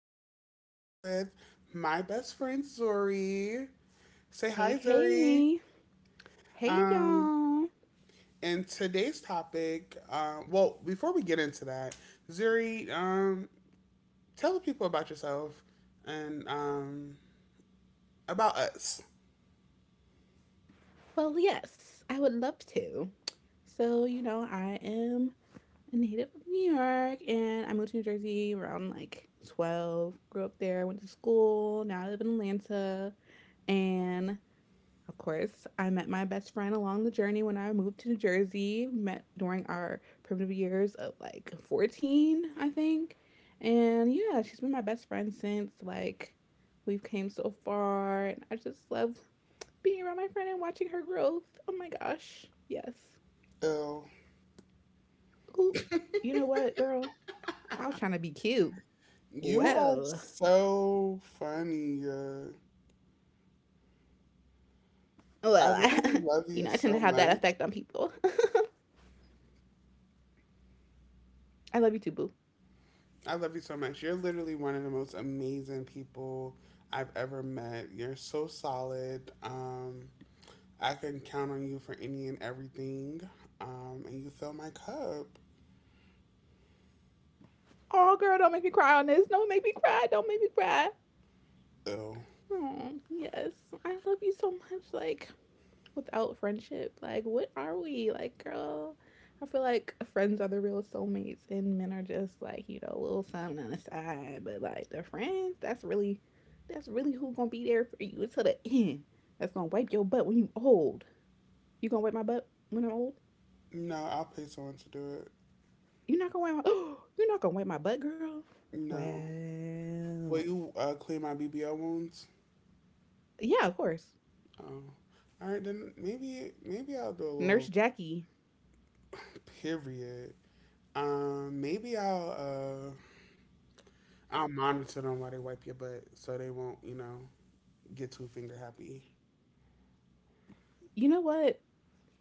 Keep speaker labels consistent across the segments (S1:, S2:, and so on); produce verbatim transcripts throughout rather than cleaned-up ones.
S1: and I am here with my best friend Zuri. Say
S2: Hey,
S1: hi, Zuri.
S2: hey. Hey,
S1: Um,
S2: y'all.
S1: and today's topic, um, well, before we get into that, Zuri, um, tell the people about yourself and um, about us.
S2: Well, yes, I would love to. So, you know, I am a native of New York and I moved to New Jersey around like twelve, grew up there, went to school, now I live in Atlanta. And Of course, I met my best friend along the journey when I moved to New Jersey. Met during our primitive years of like fourteen, I think. And yeah, she's been my best friend since like we've came so far. And I just love being around my friend and watching her growth. Oh my gosh. Yes.
S1: Oh,
S2: Ooh, you know what, girl? I was trying to be cute.
S1: you are
S2: Well,
S1: so funny. Uh, I
S2: well,
S1: really love
S2: you
S1: you
S2: know, I tend
S1: so
S2: to have that
S1: much.
S2: effect on people. I love you too, boo.
S1: I love you so much. You're literally one of the most amazing people I've ever met. You're so solid. Um, I can count on you for any and everything. Um, and you fill my cup.
S2: Oh, girl, don't make me cry on this. Don't make me cry. Don't make me cry.
S1: Ew.
S2: Oh, yes. I love you so much. Like, without friendship, like, what are we? Like, girl, I feel like friends are the real soulmates, and men are just like, you know, a little something on the side. But, like, the friends, that's really, that's really who gonna be there for you until the end. That's gonna wipe your butt when you old. You gonna wipe my butt when I'm old?
S1: No, I'll pay someone to do it.
S2: You're not gonna wipe my, oh, you're not gonna wipe my butt, girl?
S1: No.
S2: Well,
S1: Will you uh, clean my B B L wounds?
S2: yeah, of course.
S1: Oh. All right, then maybe maybe I'll do a
S2: Nurse
S1: little
S2: Jackie.
S1: period. Um, maybe I'll uh I'll monitor them while they wipe your butt so they won't, you know, get too finger happy.
S2: You know what?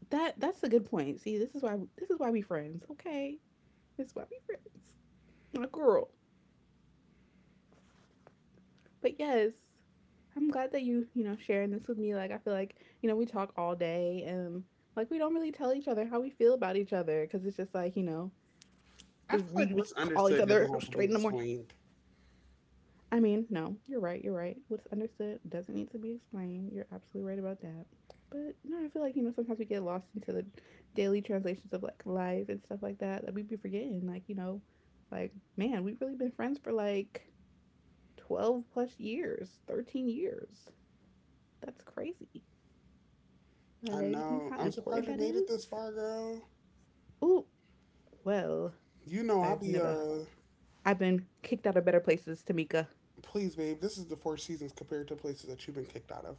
S2: That that's a good point. See, this is why this is why we friends. Okay, this is why we friends. My girl. But yes, I'm glad that you you know sharing this with me. Like I feel like you know we talk all day and like we don't really tell each other how we feel about each other because it's just like you know
S1: I
S2: just
S1: feel
S2: we
S1: like
S2: just
S1: what's
S2: call each
S1: understood
S2: other
S1: doesn't have to
S2: straight
S1: be
S2: in the morning.
S1: explained.
S2: I mean, no, you're right. You're right. What's understood doesn't need to be explained. You're absolutely right about that. But no, I feel like, you know, sometimes we get lost into the daily translations of like life and stuff like that that we be forgetting. Like, you know, like, man, we've really been friends for like twelve plus years, thirteen years. That's crazy.
S1: I
S2: Like, you know how
S1: know. I'm
S2: important
S1: surprised
S2: that
S1: you made it
S2: is?
S1: this far, girl.
S2: Oh, well,
S1: You know, I'll
S2: I've
S1: be,
S2: never.
S1: uh,
S2: I've been kicked out of better places, Tamika.
S1: please, babe, this is the Four Seasons compared to places that you've been kicked out of.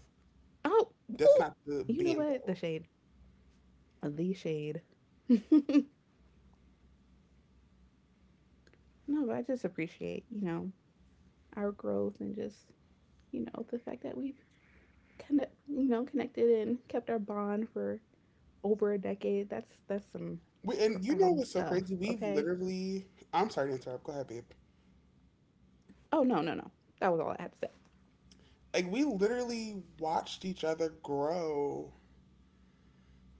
S2: Oh,
S1: That's
S2: ooh.
S1: not the
S2: You know what? The
S1: bando.
S2: shade. The shade. No, but I just appreciate, you know, our growth and just, you know, the fact that we've connect, you know, connected and kept our bond for over a decade. That's that's some
S1: We, and you know
S2: profound
S1: what's so
S2: stuff,
S1: crazy? We've
S2: okay?
S1: literally, I'm sorry to interrupt. Go ahead, babe.
S2: Oh, no, no, no. That was all I had to say.
S1: Like, we literally watched each other grow.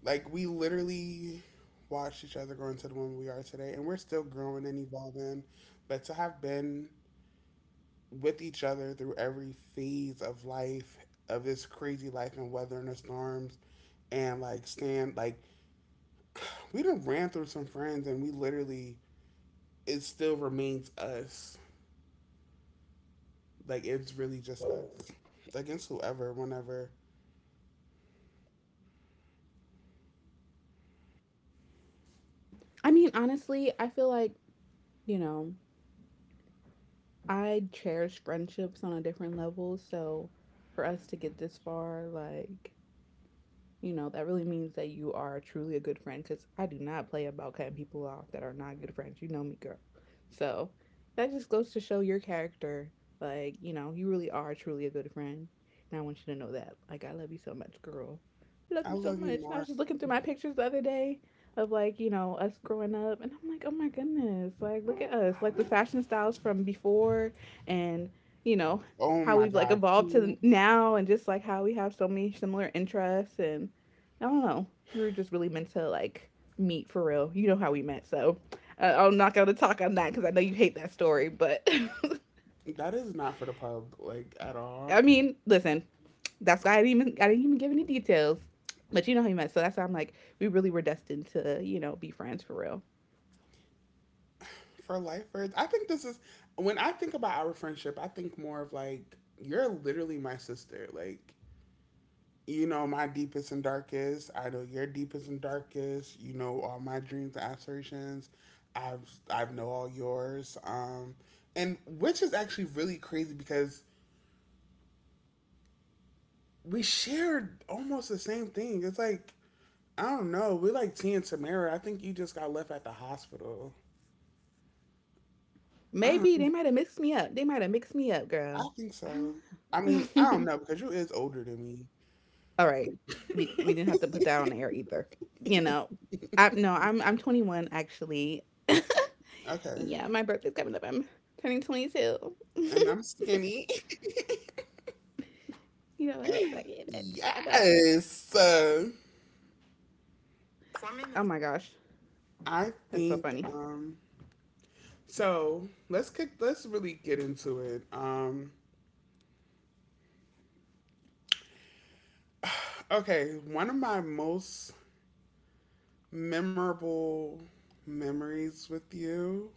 S1: Like, we literally watched each other grow into the woman we are today, and we're still growing and evolving. But to have been with each other through every phase of life of this crazy life and weathering the storms and like stand like we done ran through some friends and we literally it still remains us like it's really just us against whoever whenever.
S2: I mean, honestly, I feel like, you know, I cherish friendships on a different level, so for us to get this far, like you know, that really means that you are truly a good friend because I do not play about cutting people off that are not good friends. You know me, girl. So that just goes to show your character. Like, you know, you really are truly a good friend. And I want you to know that. Like, I love you so much, girl. I love
S1: I
S2: you so
S1: love you
S2: much. And I was
S1: more.
S2: just looking through my pictures the other day of like, you know, us growing up. And I'm like, oh my goodness. Like, look at us. Like, the fashion styles from before and, you know,
S1: Oh
S2: how
S1: my
S2: we've like
S1: god.
S2: evolved to now and just like how we have so many similar interests and I don't know. We were just really meant to like meet for real. You know how we met, so uh, I'm not gonna talk on that because I know you hate that story. But
S1: That is not for the pub, like, at all.
S2: I mean, listen, that's why I didn't even I didn't even give any details. But you know how you met, so that's why I'm like, we really were destined to, you know, be friends for real.
S1: For lifers. I think this is when I think about our friendship, I think more of like you're literally my sister. Like, you know my deepest and darkest. I know your deepest and darkest. You know all my dreams and aspirations. I've I've know all yours. Um, and which is actually really crazy because we shared almost the same thing. It's like I don't know. We're like T and Tamara. I think you just got left at the hospital. I
S2: Maybe they
S1: don't.
S2: might have mixed me up. They might have mixed me up, girl.
S1: I think
S2: I
S1: so.
S2: don't
S1: I mean, I don't
S2: know.
S1: know because you is older than me.
S2: All right, we we didn't have to put that on the air either. You know, I no, I'm I'm twenty-one actually.
S1: Okay,
S2: Yeah, my birthday's coming up. I'm turning twenty-two.
S1: and I'm skinny.
S2: You know what? Fuck it, bitch. I bet.
S1: Yes. Uh,
S2: Oh my gosh,
S1: I
S2: that's so
S1: think
S2: funny.
S1: um so let's kick let's really get into it. Um, okay, one of my most memorable memories with you,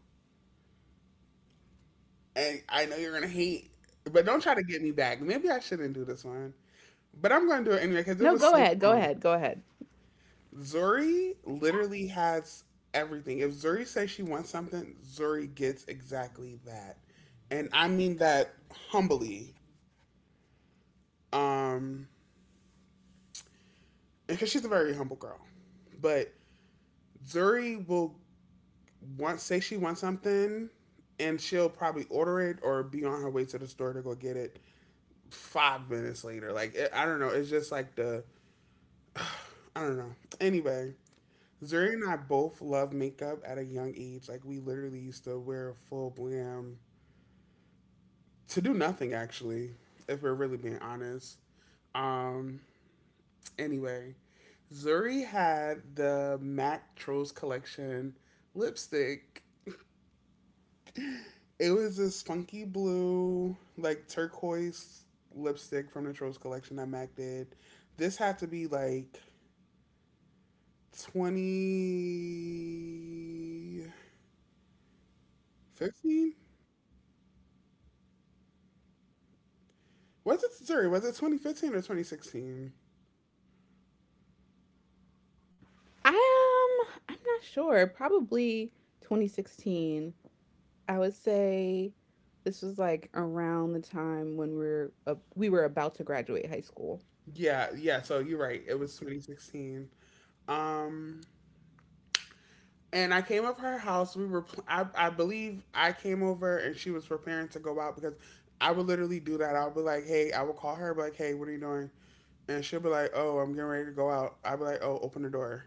S1: and I know you're gonna hate, but don't try to get me back. Maybe I shouldn't do this one. But I'm gonna do it anyway because it
S2: No,
S1: was
S2: go
S1: so
S2: ahead. Go
S1: cool.
S2: ahead. Go ahead.
S1: Zuri literally has everything. If Zuri says she wants something, Zuri gets exactly that. And I mean that humbly. Um because she's a very humble girl. But Zuri will want say she wants something, and she'll probably order it or be on her way to the store to go get it five minutes later. Like it, I don't know, it's just like the I don't know. Anyway, Zuri and I both love makeup at a young age. Like we literally used to wear full glam to do nothing actually, if we're really being honest. Um. Anyway, Zuri had the Mac Trolls collection lipstick. It was this funky blue, like turquoise lipstick from the Trolls collection that Mac did. This had to be like twenty fifteen? Was it, sorry, was it twenty fifteen or twenty sixteen?
S2: I am. Um, I'm not sure. Probably twenty sixteen. I would say this was like around the time when we are uh, we were about to graduate high school
S1: Yeah, yeah, so you're right. It was twenty sixteen. Um, and I came over her house. We were, I, I believe, I came over and she was preparing to go out because I would literally do that. I'll be like, hey, I would call her, be like, hey, what are you doing? And she'll be like, oh, I'm getting ready to go out. I'd be like, oh, open the door.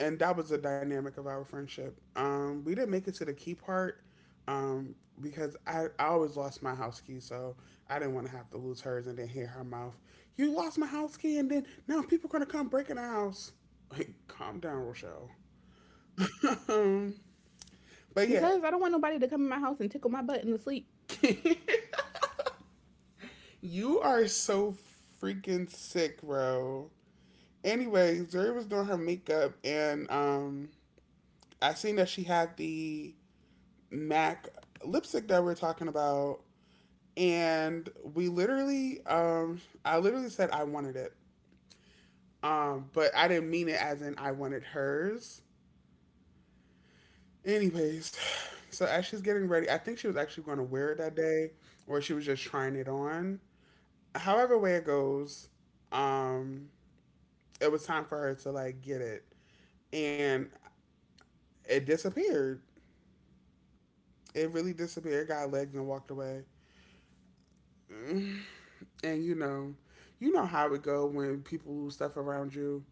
S1: And that was the dynamic of our friendship. Um, we didn't make it to the key part um, because I, I always lost my house key, so I didn't want to have to lose hers and then hear her mouth, you lost my house key, and then now people are going to come breaking the house. Like, calm down, Rochelle. um, but yeah,
S2: because I don't want nobody to come in my house and tickle my butt in the sleep.
S1: you are so freaking sick, bro. Anyways, Zuri was doing her makeup, and um, I seen that she had the MAC lipstick that we are talking about, and we literally, um, I literally said I wanted it, um, but I didn't mean it as in I wanted hers. Anyways, so as she's getting ready, I think she was actually going to wear it that day, or she was just trying it on. However way it goes, um, it was time for her to like get it, and it disappeared. It really disappeared. Got legs and walked away. Mm. And you know, you know how it go when people lose stuff around you,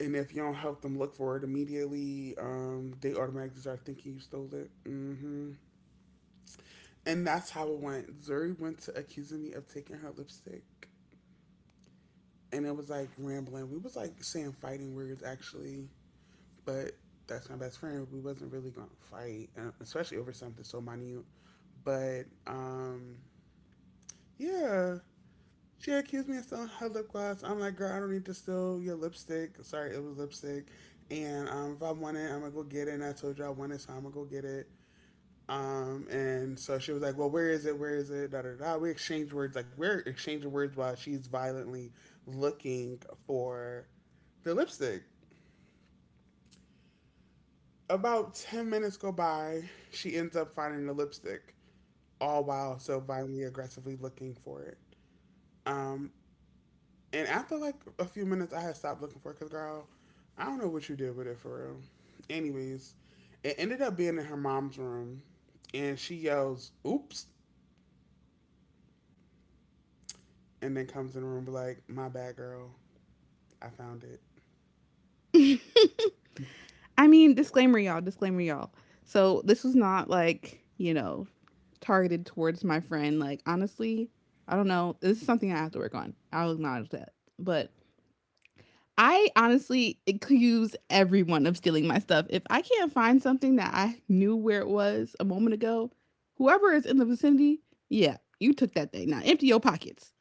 S1: and if you don't help them look for it immediately, um, they automatically start thinking you stole it. Mm-hmm. And that's how it went. Zuri went to accusing me of taking her lipstick, and it was like rambling. We was like saying fighting words actually, but that's my best friend. We wasn't really gonna fight, uh, especially over something so minute. But um, yeah, she accused me of stealing her lip gloss. I'm like, girl, I don't need to steal your lipstick. Sorry, it was lipstick. And um, if I want it, I'm gonna go get it. And I told you I want it, so I'm gonna go get it. Um, and so she was like, well, where is it? Where is it? Da da da. We exchanged words. Like we're exchanging words while she's violently looking for the lipstick. About ten minutes go by. She ends up finding the lipstick, all while so violently, aggressively looking for it. Um, And after like a few minutes, I had stopped looking for it because, girl, I don't know what you did with it for real. Anyways, it ended up being in her mom's room, and she yells, "Oops!" and then comes in the room like, "My bad, girl, I found it."
S2: I mean, disclaimer, y'all. Disclaimer, y'all. So this was not like you know targeted towards my friend. Like honestly, I don't know. This is something I have to work on. I'll acknowledge that. But I honestly accuse everyone of stealing my stuff. If I can't find something that I knew where it was a moment ago, whoever is in the vicinity, yeah, you took that thing. Now empty your pockets.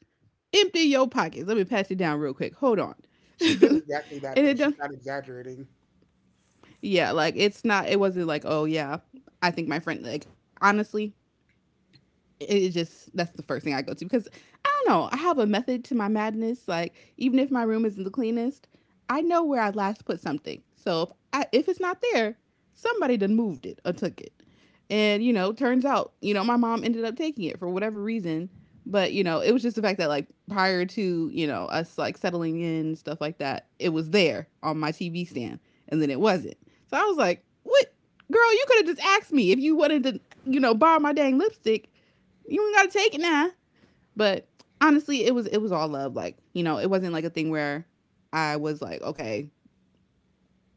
S2: Empty your pockets. Let me pat you down real quick. Hold on.
S1: She did
S2: And
S1: exactly that though.
S2: it don't
S1: She's not exaggerating.
S2: yeah, like it's not it wasn't like, oh yeah, I think my friend like honestly, it just that's the first thing I go to because I don't know. I have a method to my madness. Like even if my room isn't the cleanest, I know where I last put something. So if I, if it's not there, somebody done moved it or took it. And you know, turns out you know my mom ended up taking it for whatever reason. But you know, it was just the fact that like prior to you know us like settling in stuff like that, it was there on my T V stand, and then it wasn't. So I was like, what? Girl, you could have just asked me if you wanted to, you know, borrow my dang lipstick you ain't gotta take it now. But honestly, it was it was all love. Like you know, it wasn't like a thing where I was like, okay,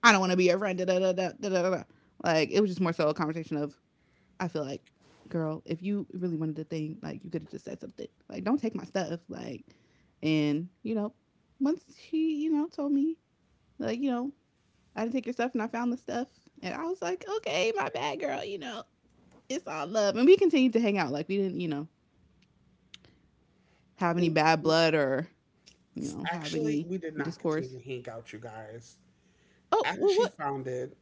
S2: I don't want to be your friend. Da, da, da, da, da, da, da. Like it was just more so a conversation of I feel like, girl, if you really wanted the thing, like you could have just said something. Like don't take my stuff. Like and you know, once she you know told me like you know I didn't take your stuff and I found the stuff and I was like, okay, my bad, girl. You know, it's all love. And we continued to hang out. Like we didn't you know have
S1: And
S2: any
S1: it's-
S2: bad blood or you know, have
S1: Actually,
S2: any
S1: we did not continue
S2: discourse.
S1: to hang out, you guys.
S2: Oh,
S1: After
S2: well,
S1: she
S2: what?
S1: found it,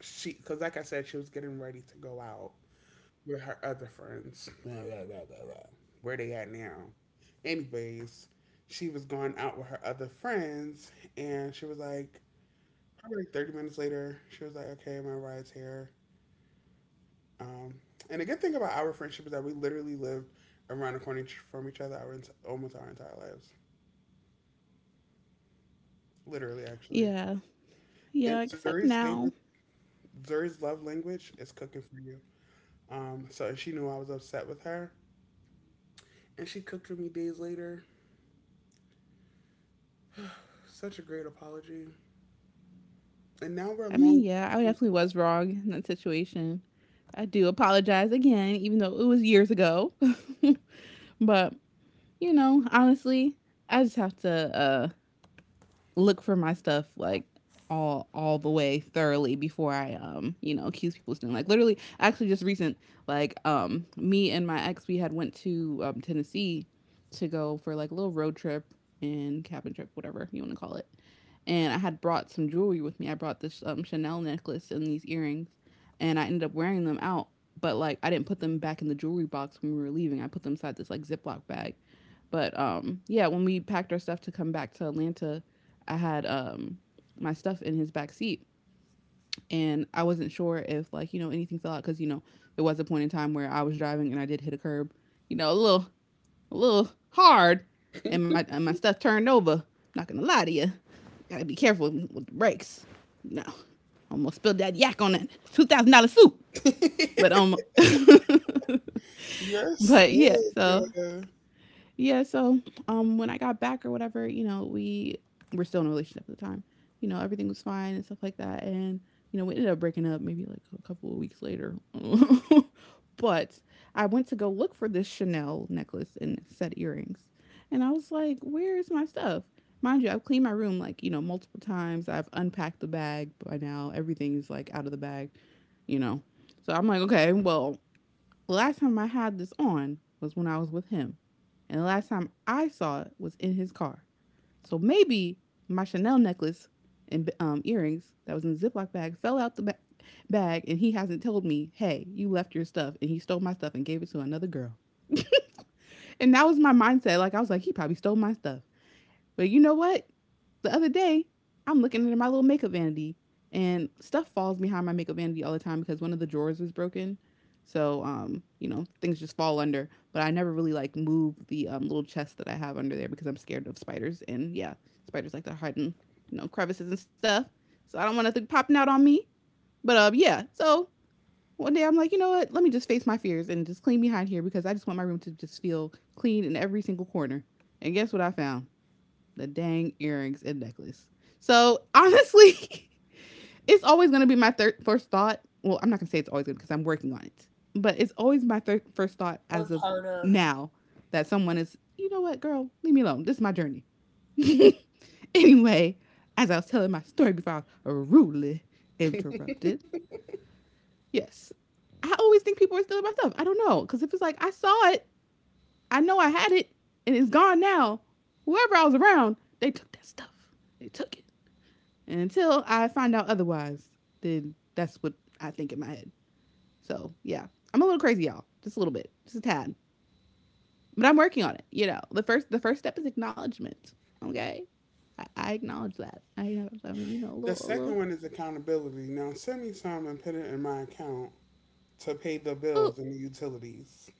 S1: she because like I said, she was getting ready to go out with her other friends. Blah, blah, blah, blah, blah. Where they at now? Anyways, she was going out with her other friends, and she was like, probably like thirty minutes later, she was like, okay, my ride's here. Um, and the good thing about our friendship is that we literally lived around the corner from each other our ent- almost our entire lives. Literally, actually.
S2: Yeah,
S1: And
S2: yeah, except
S1: Zuri's favorite,
S2: now.
S1: Zuri's love language is cooking for you. Um, so she knew I was upset with her, and she cooked for me days later. Such a great apology. And now we're
S2: I mean,
S1: long
S2: yeah, I
S1: distance.
S2: definitely was wrong in that situation. I do apologize again, even though it was years ago. But, you know, honestly, I just have to uh, look for my stuff like all all the way thoroughly before I um you know accuse people of stealing. Like literally, actually, just recent like um me and my ex we had went to um, Tennessee to go for like a little road trip and cabin trip, whatever you want to call it. And I had brought some jewelry with me. I brought this um, Chanel necklace and these earrings, and I ended up wearing them out. But like I didn't put them back in the jewelry box when we were leaving. I put them inside this like Ziploc bag. But um yeah, when we packed our stuff to come back to Atlanta, I had um my stuff in his back seat and I wasn't sure if like you know anything fell out because you know there was a point in time where I was driving and I did hit a curb you know a little a little hard and my and my stuff turned over not gonna lie to you gotta be careful with the brakes you know almost spilled that yak on that two thousand dollar suit, but um
S1: You're
S2: but yeah
S1: sick.
S2: so
S1: uh,
S2: Yeah, so um when I got back or whatever, you know, we were still in a relationship at the time. You know, everything was fine and stuff like that. And, you know, we ended up breaking up maybe like a couple of weeks later. But I went to go look for this Chanel necklace and set earrings. And I was like, where's my stuff? Mind you, I've cleaned my room like, you know, multiple times. I've unpacked the bag by now. Everything's like out of the bag, you know. So I'm like, okay, well, the last time I had this on was when I was with him. And the last time I saw it was in his car. So maybe my Chanel necklace and um, earrings that was in the Ziploc bag fell out the ba- bag, and he hasn't told me, hey, you left your stuff, and he stole my stuff and gave it to another girl. And that was my mindset. Like, I was like, he probably stole my stuff. But you know what? The other day, I'm looking into my little makeup vanity, and stuff falls behind my makeup vanity all the time because one of the drawers is broken. So, um, you know, things just fall under. But I never really like move the um, little chest that I have under there because I'm scared of spiders. And yeah, spiders like to hide in, you know, crevices and stuff. So I don't want nothing popping out on me. But um, yeah. So one day I'm like, you know what? Let me just face my fears and just clean behind here because I just want my room to just feel clean in every single corner. And guess what I found? The dang earrings and necklace. So honestly, it's always going to be my third first thought. Well, I'm not going to say it's always going to because I'm working on it, but it's always my thir- first thought as of now that someone is, you know what, girl, leave me alone. This is my journey. Anyway, as I was telling my story before I was rudely interrupted. Yes, I always think people are stealing my stuff. I don't know because if it's like I saw it, I know I had it, and it's gone now. Whoever I was around, they took that stuff. They took it. And until I find out otherwise, then that's what I think in my head. So yeah, I'm a little crazy, y'all. Just a little bit, just a tad. But I'm working on it. You know, the first the first step is acknowledgement. Okay, I, I acknowledge that. I you know, I mean, you know, a
S1: The
S2: little, a
S1: second
S2: little.
S1: one is accountability. Now send me some and put it in my account to pay the
S2: Oh,
S1: bills and the utilities.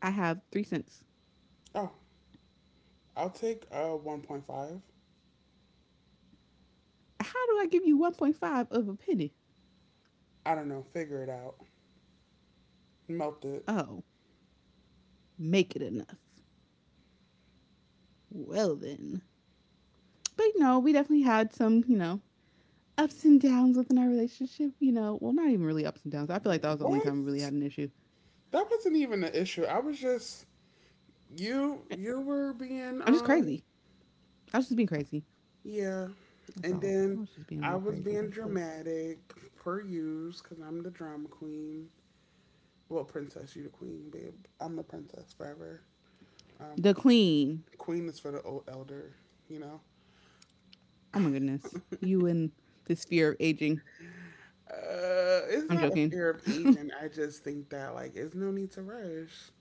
S2: I have three cents.
S1: Oh, I'll take uh one point five.
S2: How do I give you one point five of a penny?
S1: I don't know. Figure it out. Melt it.
S2: Oh, make it enough. Well then. But you know, we definitely had some, you know, ups and downs within our relationship. You know, well, not even really ups and downs. I feel like that was the only time we really
S1: What?
S2: had an issue.
S1: That wasn't even an issue. I was just you. You were being
S2: I'm just
S1: um
S2: crazy. I was just being crazy.
S1: yeah,
S2: That's
S1: and
S2: all. I
S1: then
S2: was just being a
S1: I
S2: little
S1: was
S2: crazy.
S1: being
S2: That's it.
S1: dramatic per use because I'm the drama queen. Well, princess, you the queen, babe. I'm the princess forever.
S2: The Queen.
S1: Queen is for the old elder, you know?
S2: Oh my goodness. You and this fear of aging.
S1: Uh, it's
S2: I'm
S1: not a
S2: joking.
S1: fear of
S2: No,
S1: aging. I just think that, like, there's no need to rush.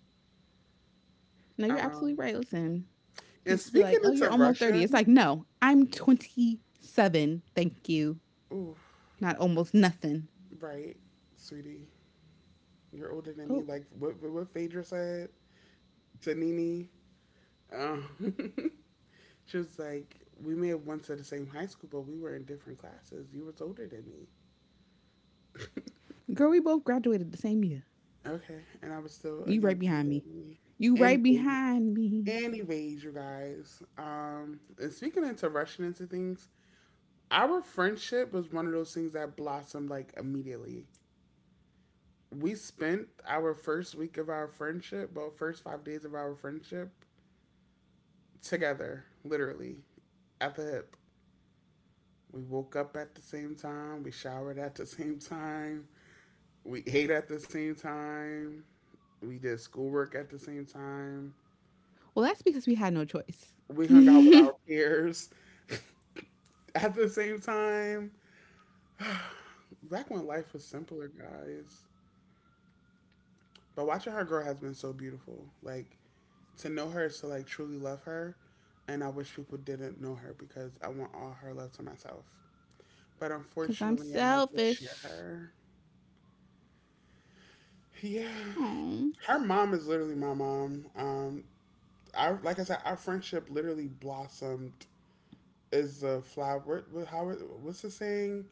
S2: you're absolutely
S1: Um,
S2: right. Listen,
S1: and
S2: people be
S1: speaking
S2: like, oh, you're
S1: into
S2: almost thirty. It's
S1: Russian,
S2: like, no, I'm twenty-seven. Thank you.
S1: ooh,
S2: Not almost nothing.
S1: right, sweetie. You're older than me.
S2: Oh,
S1: Like, what, what Phaedra said to Nini? Um, she was like, we may have went to the same high school, but we were in different classes. You was older than me.
S2: girl, we both graduated the same year.
S1: Okay, and I was still a
S2: You
S1: young
S2: right
S1: kid
S2: behind
S1: than
S2: me.
S1: me.
S2: You right
S1: Anyways,
S2: behind me.
S1: Anyways, you guys, um, and speaking into rushing into things, our friendship was one of those things that blossomed like immediately. We spent our first week of our friendship, well, first five days of our friendship together, literally, at the hip. We woke up at the same time, we showered at the same time, we ate at the same time, we did schoolwork at the same time,
S2: Well, that's because we had no choice.
S1: we hung out with our peers at the same time. Back when life was simpler, guys. But watching her grow has been so beautiful. Like to know her is to like truly love her, and I wish people didn't know her because I want all her love to myself. But
S2: Because I'm
S1: unfortunately, I have to share
S2: selfish.
S1: her. Yeah,
S2: Oh,
S1: her mom is literally my mom. Um, I like I said, our friendship literally blossomed as a flower. what- How what's the saying?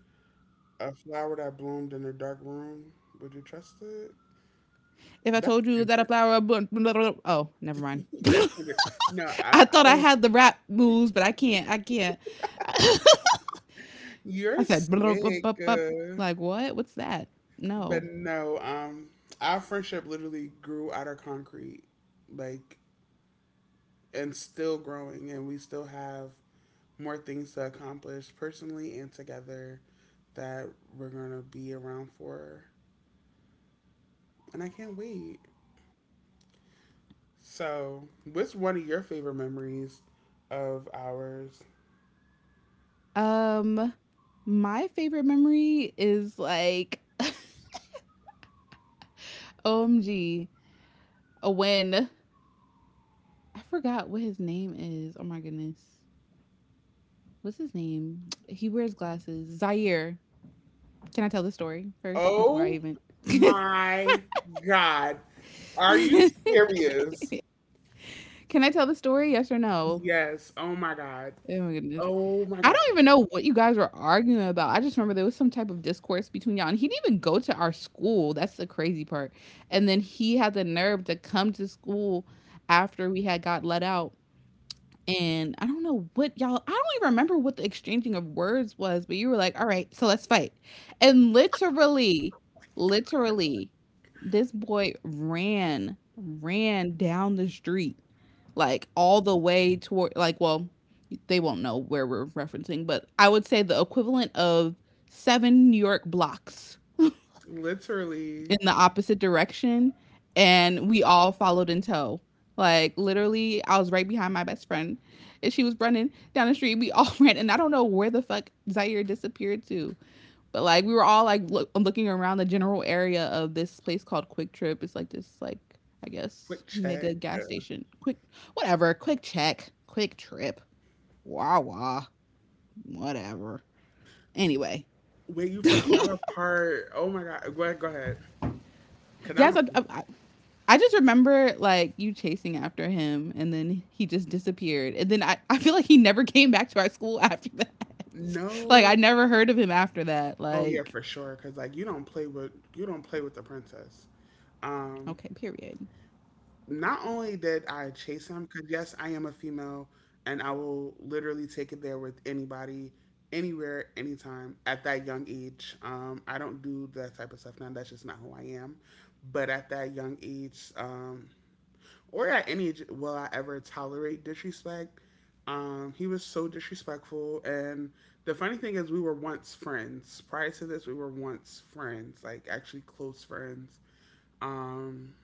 S1: A flower that bloomed in a dark room. Would you trust it?
S2: if I
S1: That's
S2: told you that a
S1: Kendrick.
S2: flower, blah, blah, blah- oh, never mind.
S1: That's Kendrick. No, I, I
S2: I thought I had the rap moves, but I can't. I can't. I
S1: You're
S2: said, blah, blah,
S1: sick.
S2: blah, blah.
S1: Uh,
S2: Like what? What's that?
S1: but
S2: No.
S1: no, um, our friendship literally grew out of concrete, like, and still growing, and we still have more things to accomplish personally and together that we're gonna be around for, and I can't wait. So, what's one of your favorite memories of ours?
S2: Um, my favorite memory is like, O M G, uh, when I forgot what his name is. Oh my goodness, what's his name? He wears glasses. Zaire. Can I tell the story first before I
S1: Oh
S2: even?
S1: my God. Are you serious?
S2: Can I tell the story? Yes or no?
S1: Yes. Oh my God.
S2: Oh my goodness.
S1: Oh my
S2: I
S1: God.
S2: don't even know what you guys were arguing about. I just remember there was some type of discourse between y'all, and he didn't even go to our school. That's the crazy part. And then he had the nerve to come to school after we had got let out. And I don't know what y'all, I don't even remember what the exchanging of words was, but you were like, all right, so let's fight. And literally, literally, this boy ran, ran down the street, like all the way toward, like, well, they won't know where we're referencing, but I would say the equivalent of seven New York blocks
S1: Literally,
S2: in the opposite direction, and we all followed in tow. Like literally, I was right behind my best friend, and she was running down the street. We all ran, and I don't know where the fuck Zaire disappeared to, but like we were all like look, looking around the general area of this place called Quick Trip. It's like this, like I guess
S1: quick check.
S2: mega gas station. Quick, whatever. Quick check. Quick trip. Wah wah. Whatever. Anyway,
S1: Wait, you forgot a part. Oh my God. Go ahead. Go ahead. Cause
S2: yes,
S1: I'm
S2: I, I, I just remember like you chasing after him, and then he just disappeared, and then I, I feel like he never came back to our school after that. Like I
S1: no.
S2: never heard of him after that.
S1: Oh yeah,
S2: Like
S1: for sure. Cause like you don't play with you don't play with the princess. Um,
S2: okay, period.
S1: Not only did I chase him, cause yes, I am a female, and I will literally take it there with anybody, anywhere, anytime. At that young age, um, I don't do that type of stuff now. That's just not who I am. But at that young age, um, or at any age will I ever tolerate disrespect. Um, he was so disrespectful, and the funny thing is, we were once friends. Prior to this, we were once friends, like actually close friends. Um,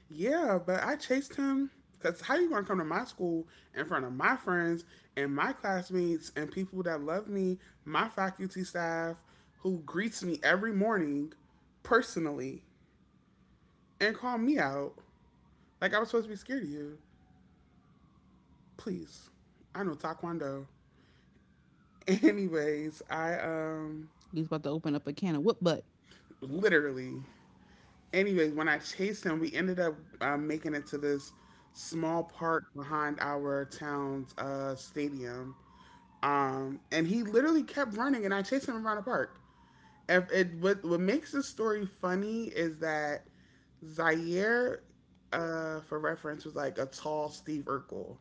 S1: yeah, but I chased him because how you gonna come to my school in front of my friends and my classmates and people that love me, my faculty staff who greets me every morning personally and call me out like I was supposed to be scared of you? Please. I know Taekwondo. Anyways, I um
S2: He's about to open up a can of whoop butt.
S1: literally. Anyways, when I chased him, we ended up uh, making it to this small park behind our town's uh, stadium. Um, and he literally kept running, and I chased him around the park. If it what what makes this story funny is that Zaire, uh, for reference, was like a tall Steve Urkel.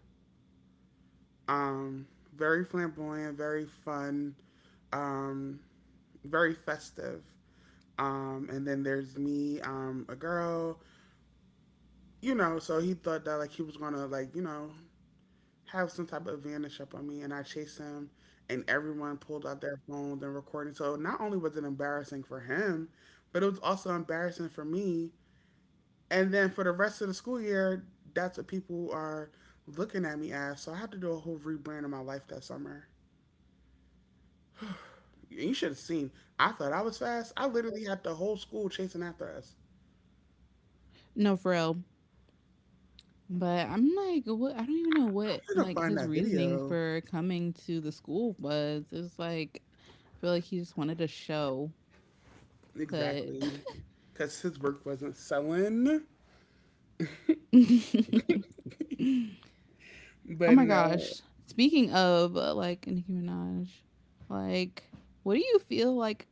S1: Um, Very flamboyant, very fun. Um, Very festive. Um, and then there's me, um, a girl, you know, so he thought that like he was gonna like, you know, have some type of advantage up on me, and I chased him, and everyone pulled out their phones and recording. So not only was it embarrassing for him, but it was also embarrassing for me. And then for the rest of the school year, that's what people are looking at me as. So I had to do a whole rebrand of my life that summer. You should have seen. I thought I was fast. I literally had the whole school chasing after us.
S2: No, for real. But I'm like, what? I don't even know
S1: I
S2: what
S1: gotta
S2: like
S1: find
S2: his
S1: that
S2: reasoning
S1: video
S2: for coming to the school was. It's like, I feel like he just wanted a show, but
S1: exactly because his work wasn't selling.
S2: oh
S1: But
S2: my
S1: no,
S2: gosh. Speaking of uh, like Nicki Minaj, like what do you feel like?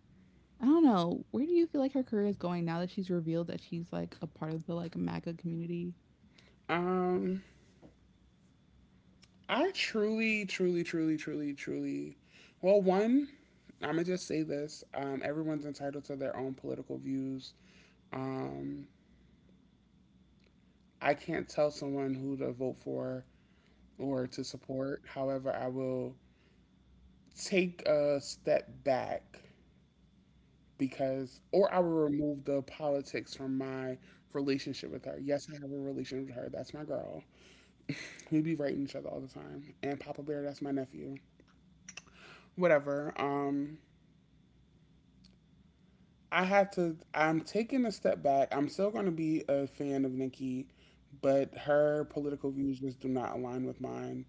S2: I don't know. Where do you feel like her career is going now that she's revealed that she's like a part of the like MAGA community?
S1: um, I truly, truly, truly, truly, truly. Well, one, I'm gonna just say this. Um, everyone's entitled to their own political views. Um, I can't tell someone who to vote for or to support. However, I will take a step back because or I would remove the politics from my relationship with her. Yes, I have a relationship with her. That's my girl. We be writing each other all the time. And Papa Bear, that's my nephew. Whatever. Um I have to I'm taking a step back. I'm still gonna be a fan of Nikki, but her political views just do not align with mine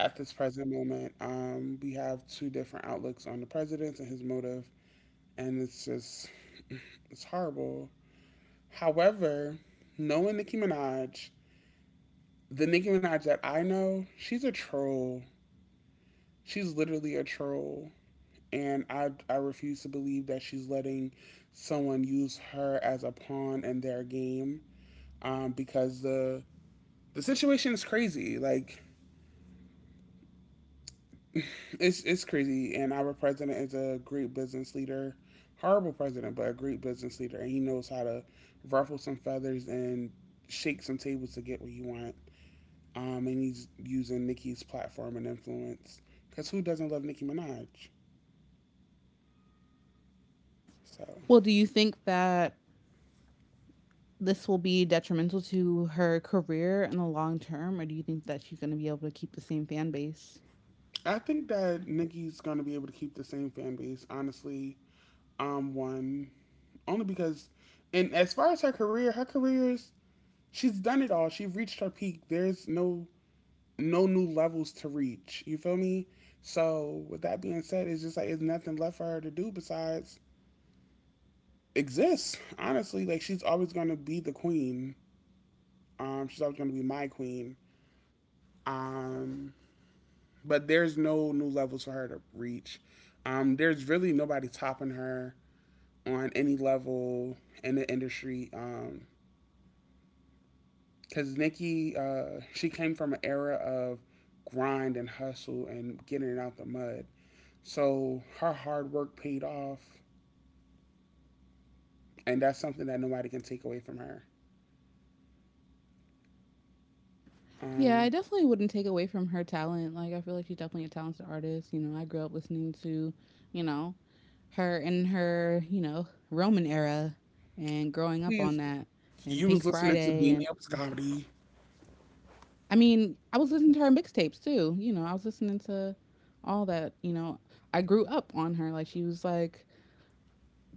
S1: at this present moment. Um we have two different outlooks on the president and his motive, and it's just it's horrible. However, knowing Nicki Minaj, the Nicki Minaj that I know, she's a troll. She's literally a troll, and I I refuse to believe that she's letting someone use her as a pawn in their game. Um, because the the situation is crazy. Like it's it's crazy, and our president is a great business leader, horrible president, but a great business leader, and he knows how to ruffle some feathers and shake some tables to get what you want. Um, and he's using Nicki's platform and influence. Because who doesn't love Nicki Minaj? So
S2: Well, do you think that this will be detrimental to her career in the long term, or do you think that she's going to be able to keep the same fan base?
S1: I think that Nicki's going to be able to keep the same fan base, honestly. Um, one only because, and as far as her career, her career is she's done it all. She's reached her peak. There's no no new levels to reach. You feel me? So with that being said, it's just like there's nothing left for her to do besides exist. Honestly, like she's always going to be the queen. Um, she's always going to be my queen. Um, but there's no new levels for her to reach. Um, there's really nobody topping her on any level in the industry. Um, because Nikki, uh, she came from an era of grind and hustle and getting it out the mud. So her hard work paid off, and that's something that nobody can take away from her.
S2: Yeah, I
S1: Um,
S2: definitely wouldn't take away from her talent. Like, I feel like she's definitely a talented artist. You know, I grew up listening to, you know, her in her, you know, Roman era and growing up on
S1: Please,
S2: that and
S1: you
S2: Pink
S1: was listening to
S2: Friday.
S1: Beam
S2: And
S1: Me Up, Scotty.
S2: I mean, I was listening to her mixtapes too. You know, I was listening to all that. You know, I grew up on her. Like, she was like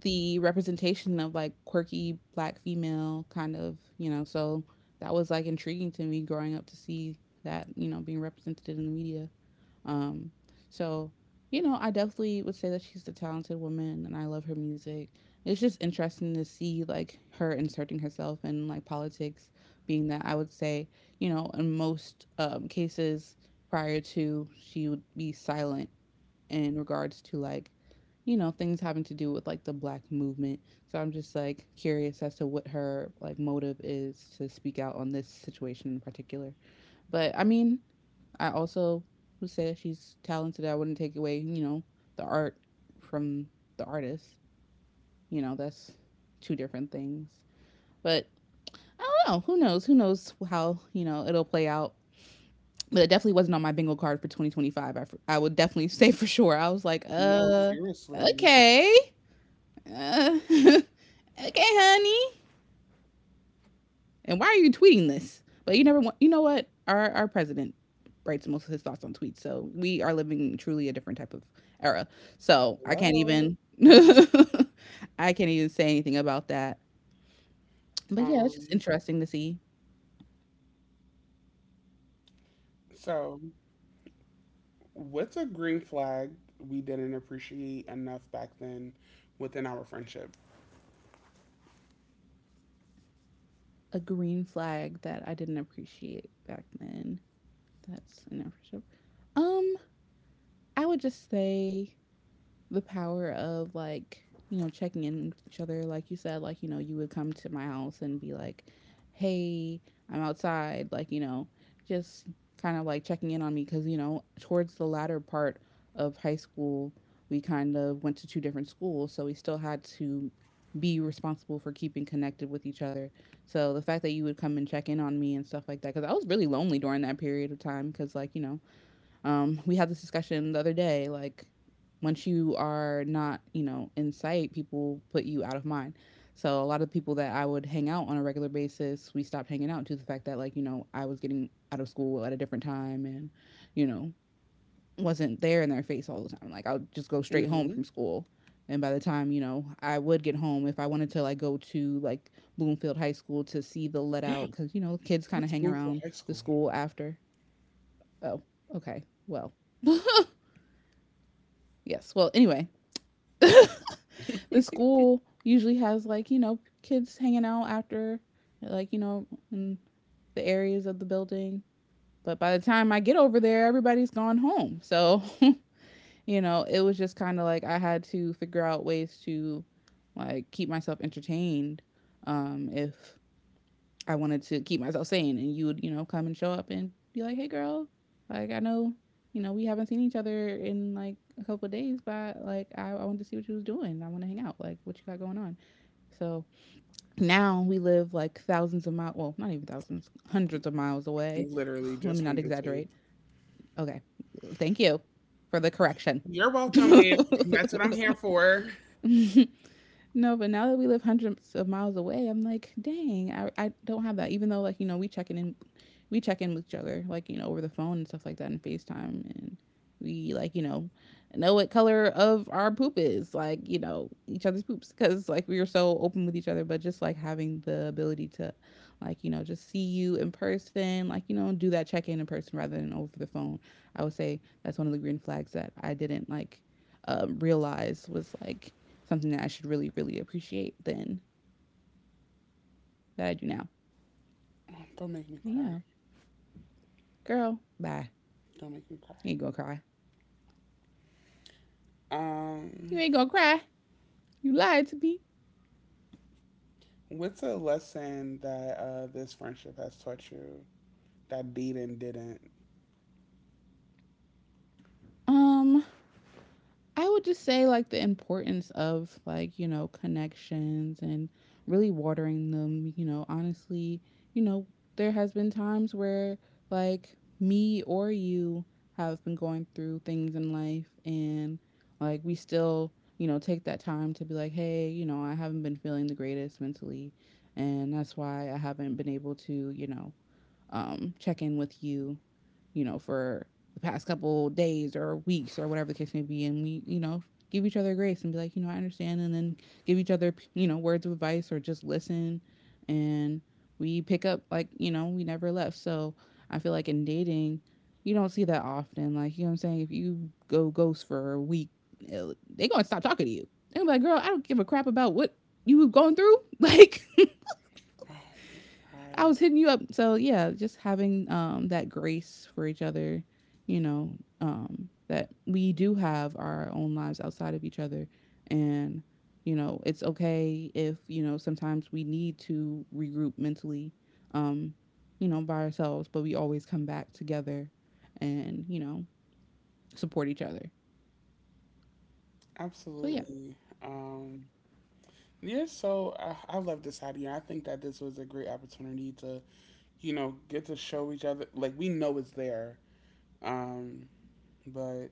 S2: the representation of like quirky black female kind of, you know, so that was like intriguing to me growing up to see that, you know, being represented in the media. Um, so you know, I definitely would say that she's a talented woman, and I love her music. It's just interesting to see like her inserting herself in like politics, being that I would say you know in most um, cases prior to she would be silent in regards to like you know things having to do with like the black movement, so I'm just like curious as to what her like motive is to speak out on this situation in particular, but I mean I also would say that she's talented. I wouldn't take away, you know, the art from the artist. You know, that's two different things. But I don't know. Who knows? Who knows how, you know, it'll play out. But it definitely wasn't on my bingo card for twenty twenty-five. I I would definitely say for sure. I was like,
S1: No,
S2: uh,
S1: seriously.
S2: okay. Uh, okay, honey. And why are you tweeting this? But you never want. You know what? Our our president writes most of his thoughts on tweets, so we are living truly a different type of era. So I can't
S1: Hello.
S2: even. I can't even say anything about that. But yeah, it's just
S1: Um,
S2: interesting to see
S1: so, what's a green flag we didn't appreciate enough back then within our friendship?
S2: a green flag that I didn't appreciate back then. That's an appreciation. Um, I would just say the power of like you know checking in with each other like you said, like you know you would come to my house and be like, hey, I'm outside, like you know, just kind of like checking in on me because you know towards the latter part of high school we kind of went to two different schools, so we still had to be responsible for keeping connected with each other. So the fact that you would come and check in on me and stuff like that, because I was really lonely during that period of time because like you know um, we had this discussion the other day, like once you are not, you know, in sight, people put you out of mind. So a lot of people that I would hang out on a regular basis, we stopped hanging out due to the fact that like, you know, I was getting out of school at a different time and, you know, wasn't there in their face all the time. Like I would just go straight home
S1: Mm-hmm.
S2: from school. And by the time, you know, I would get home if I wanted to like go to like Bloomfield High School to see the let out cuz you know, kids kind of
S1: What's
S2: hang
S1: Bloomfield
S2: around
S1: High
S2: the
S1: School?
S2: school after. Oh, okay. Well. Yes. Well, anyway, the school usually has like, you know, kids hanging out after, like, you know, in the areas of the building. But by the time I get over there, everybody's gone home. So, you know, it was just kind of like I had to figure out ways to like keep myself entertained um if I wanted to keep myself sane, and you would, you know, come and show up and be like, "Hey, girl, like I know, you know, we haven't seen each other in like a couple of days, but like I, I wanted to see what you was doing. I want to hang out. Like what you got going on." So now we live like thousands of miles. Well, not even thousands, hundreds of miles away.
S1: Literally,
S2: Let me
S1: just
S2: not
S1: hundreds, babe.
S2: exaggerate. Okay, thank you for the correction.
S1: You're welcome, babe. That's what I'm here for.
S2: No, but now that we live hundreds of miles away, I'm like, dang, I, I don't have that. Even though like, you know, we check in and we check in with each other, like, you know, over the phone and stuff like that and FaceTime and we like, you know, know what color of our poop is, like, you know, each other's poops because like we are so open with each other, but just like having the ability to like, you know, just see you in person, like, you know, do that check in in person rather than over the phone. I would say that's one of the green flags that I didn't like um, realize was like something that I should really, really appreciate then that I do now.
S1: Oh, don't make me
S2: But
S1: cry.
S2: yeah, girl, bye.
S1: Don't make me cry.
S2: You ain't gonna cry. You
S1: Um,
S2: ain't gonna cry. You lied to me.
S1: what's a lesson that uh, this friendship has taught you that dating didn't?
S2: Um, I would just say like the importance of like, you know, connections and really watering them, you know, honestly, you know, there has been times where like me or you have been going through things in life and like we still, you know, take that time to be like, "Hey, you know, I haven't been feeling the greatest mentally and that's why I haven't been able to, you know, um check in with you, you know, for the past couple days or weeks or whatever the case may be. And we, you know, give each other grace and be like, you know, I understand. And then give each other, you know, words of advice or just listen. And we pick up, like, you know, we never left. So I feel like in dating, you don't see that often. Like, you know what I'm saying? If you go ghost for a week, they're going to stop talking to you. They're gonna be like, girl, I don't give a crap about what you were going through. Like,
S1: Oh my
S2: I
S1: God,
S2: was hitting you up. So yeah, just having um that grace for each other, you know, um that we do have our own lives outside of each other and you know, it's okay if, you know, sometimes we need to regroup mentally um you know, by ourselves, but we always come back together and, you know, support each other. So yeah.
S1: absolutely. Um, yeah. So I, I love this idea. I think that this was a great opportunity to, you know, get to show each other. Like, we know it's there. Um, but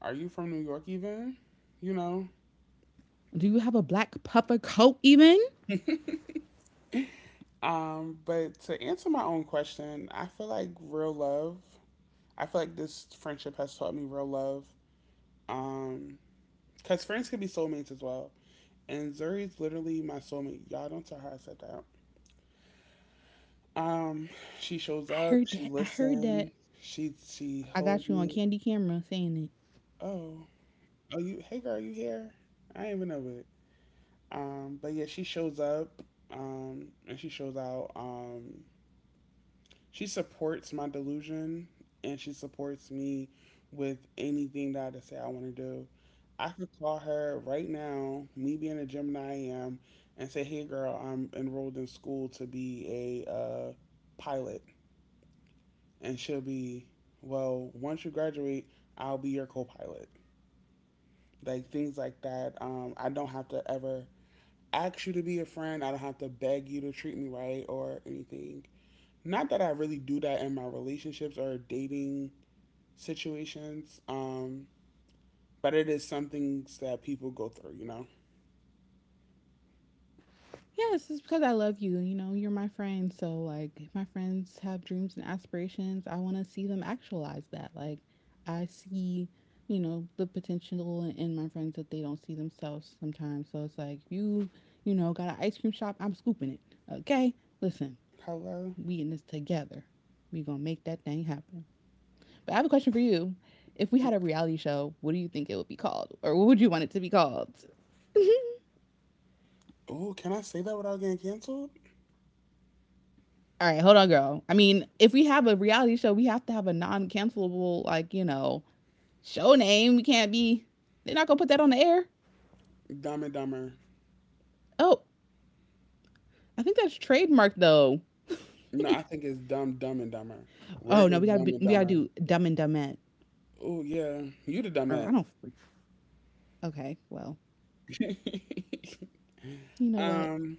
S1: are you from New York even? You know?
S2: Do you have a black puffer coat even?
S1: Um, but to answer my own question, I feel like real love, I feel like this friendship has taught me real love. Um, Cause friends can be soulmates as well. And Zuri's literally my soulmate. Y'all don't tell her I said that. Um, she shows
S2: I
S1: up,
S2: heard
S1: she
S2: that. I heard
S1: listens,
S2: that.
S1: she she
S2: I got
S1: holds
S2: you on
S1: me.
S2: candy camera saying it.
S1: Oh, are you? Hey, girl, you here? I didn't even know it. Um, but yeah, she shows up um, and she shows out. Um, she supports my delusion, and she supports me with anything that I decide I want to do. I could call her right now, me being a Gemini I am, and say, "Hey, girl, I'm enrolled in school to be a uh, pilot," and she'll be, "Well, once you graduate, I'll be your co-pilot." Like things like that. Um, I don't have to ever ask you to be a friend. I don't have to beg you to treat me right or anything. Not that I really do that in my relationships or dating situations, um, but it is something that people go through, you know?
S2: Yes, it's because I love you. You know, you're my friend. So, like, if my friends have dreams and aspirations, I want to see them actualize that. Like, I see, you know, the potential in, in my friends that they don't see themselves sometimes. So it's like, you, you know, got an ice cream shop, I'm scooping it. Okay? Listen,
S1: Hello?
S2: we in this together. We gonna make that thing happen. But I have a question for you. If we had a reality show, what do you think it would be called? Or what would you want it to be called?
S1: Oh, can I say that without getting canceled?
S2: All right, hold on, girl. I mean, if we have a reality show, we have to have a non-cancelable, like you know, show name. We can't be. They're not gonna put that on the air.
S1: Dumb and Dumber.
S2: Oh, I think that's trademarked though.
S1: No, I think it's Dumb, Dumb and Dumber. We're
S2: Oh no, we
S1: just
S2: gotta
S1: Dumb
S2: be,
S1: and
S2: we gotta
S1: Dumber.
S2: do Dumb and Dumette.
S1: Oh, yeah. You the dumb
S2: Or I
S1: at.
S2: don't. Okay, well, you know what?
S1: um,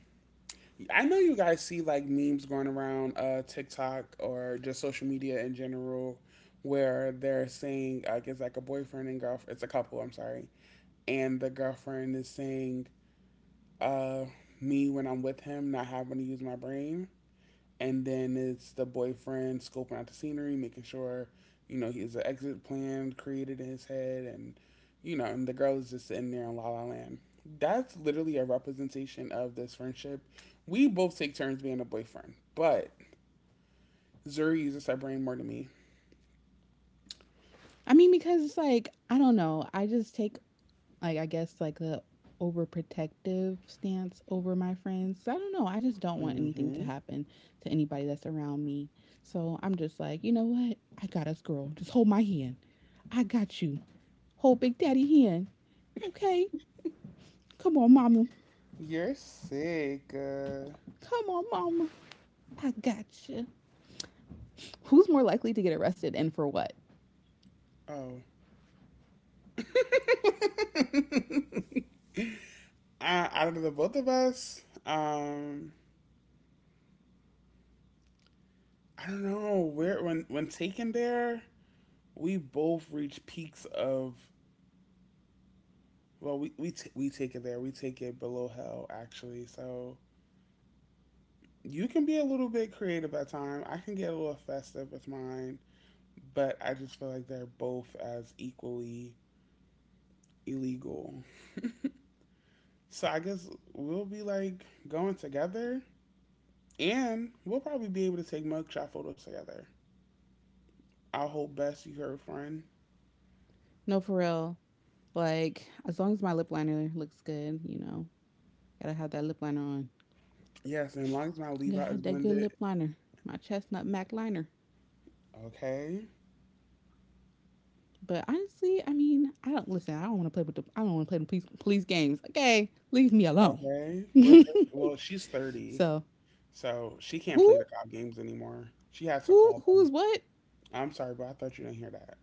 S1: I know you guys see like memes going around uh, TikTok or just social media in general, where they're saying like it's like a boyfriend and girlfriend, it's a couple, I'm sorry, and the girlfriend is saying, uh me when I'm with him not having to use my brain, and then it's the boyfriend scoping out the scenery, making sure, you know he has an exit plan created in his head, and, you know, and the girl is just sitting there in La La Land. That's literally a representation of this friendship. We both take turns being a boyfriend, but Zuri uses her brain more than me.
S2: I mean, because it's like I don't know. I just take like I guess like a overprotective stance over my friends. So I don't know. I just don't want anything to
S1: Mm-hmm.
S2: happen to anybody that's around me. So I'm just like, you know what? I got us, girl. Just hold my hand. I got you. Hold Big Daddy hand. Okay. Come on, mama.
S1: You're sick. Uh,
S2: Come on, mama. I got you. Who's more likely to get arrested and for what?
S1: oh. uh, out of the both of us, um, I don't know. Where when when taken there, we both reach peaks of, well, we we, t- we take it there, we take it below hell, actually. So you can be a little bit creative at time, I can get a little festive with mine, but I just feel like they're both as equally illegal. So I guess we'll be like going together, and we'll probably be able to take mugshot photos together. I'll hold best you her friend.
S2: No, for real. Like, as long as my lip liner looks good, you know, gotta have that lip liner on.
S1: Yes, and as long as my leave out is
S2: God, that good
S1: blended.
S2: lip liner, my chestnut mac liner.
S1: Okay,
S2: But honestly, I mean, I don't listen. I don't want to play with the. I don't want to play the police police games. Okay, leave me alone.
S1: okay, we're th- well, she's thirty.
S2: So
S1: So she can't
S2: who
S1: play the cop games anymore. She has to
S2: who
S1: call
S2: who
S1: them.
S2: is what?
S1: I'm sorry, but I thought you didn't hear that.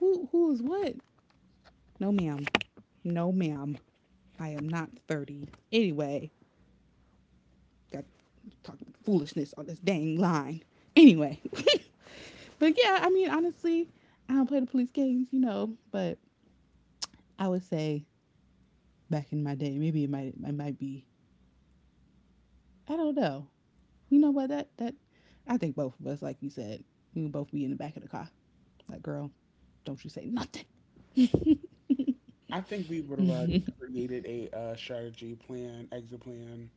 S2: Who who is what? No, ma'am. No, ma'am. I am not thirty. Anyway, got talking foolishness on this dang line. Anyway, but yeah, I mean, honestly, I don't play the police games, you know. But I would say back in my day, maybe it might it might be. I don't know. You know what? That that I think both of us, like you said, we would both be in the back of the car. Like, girl, don't you say nothing.
S1: I think we would have already
S2: And
S1: created a uh, strategy plan, exit plan.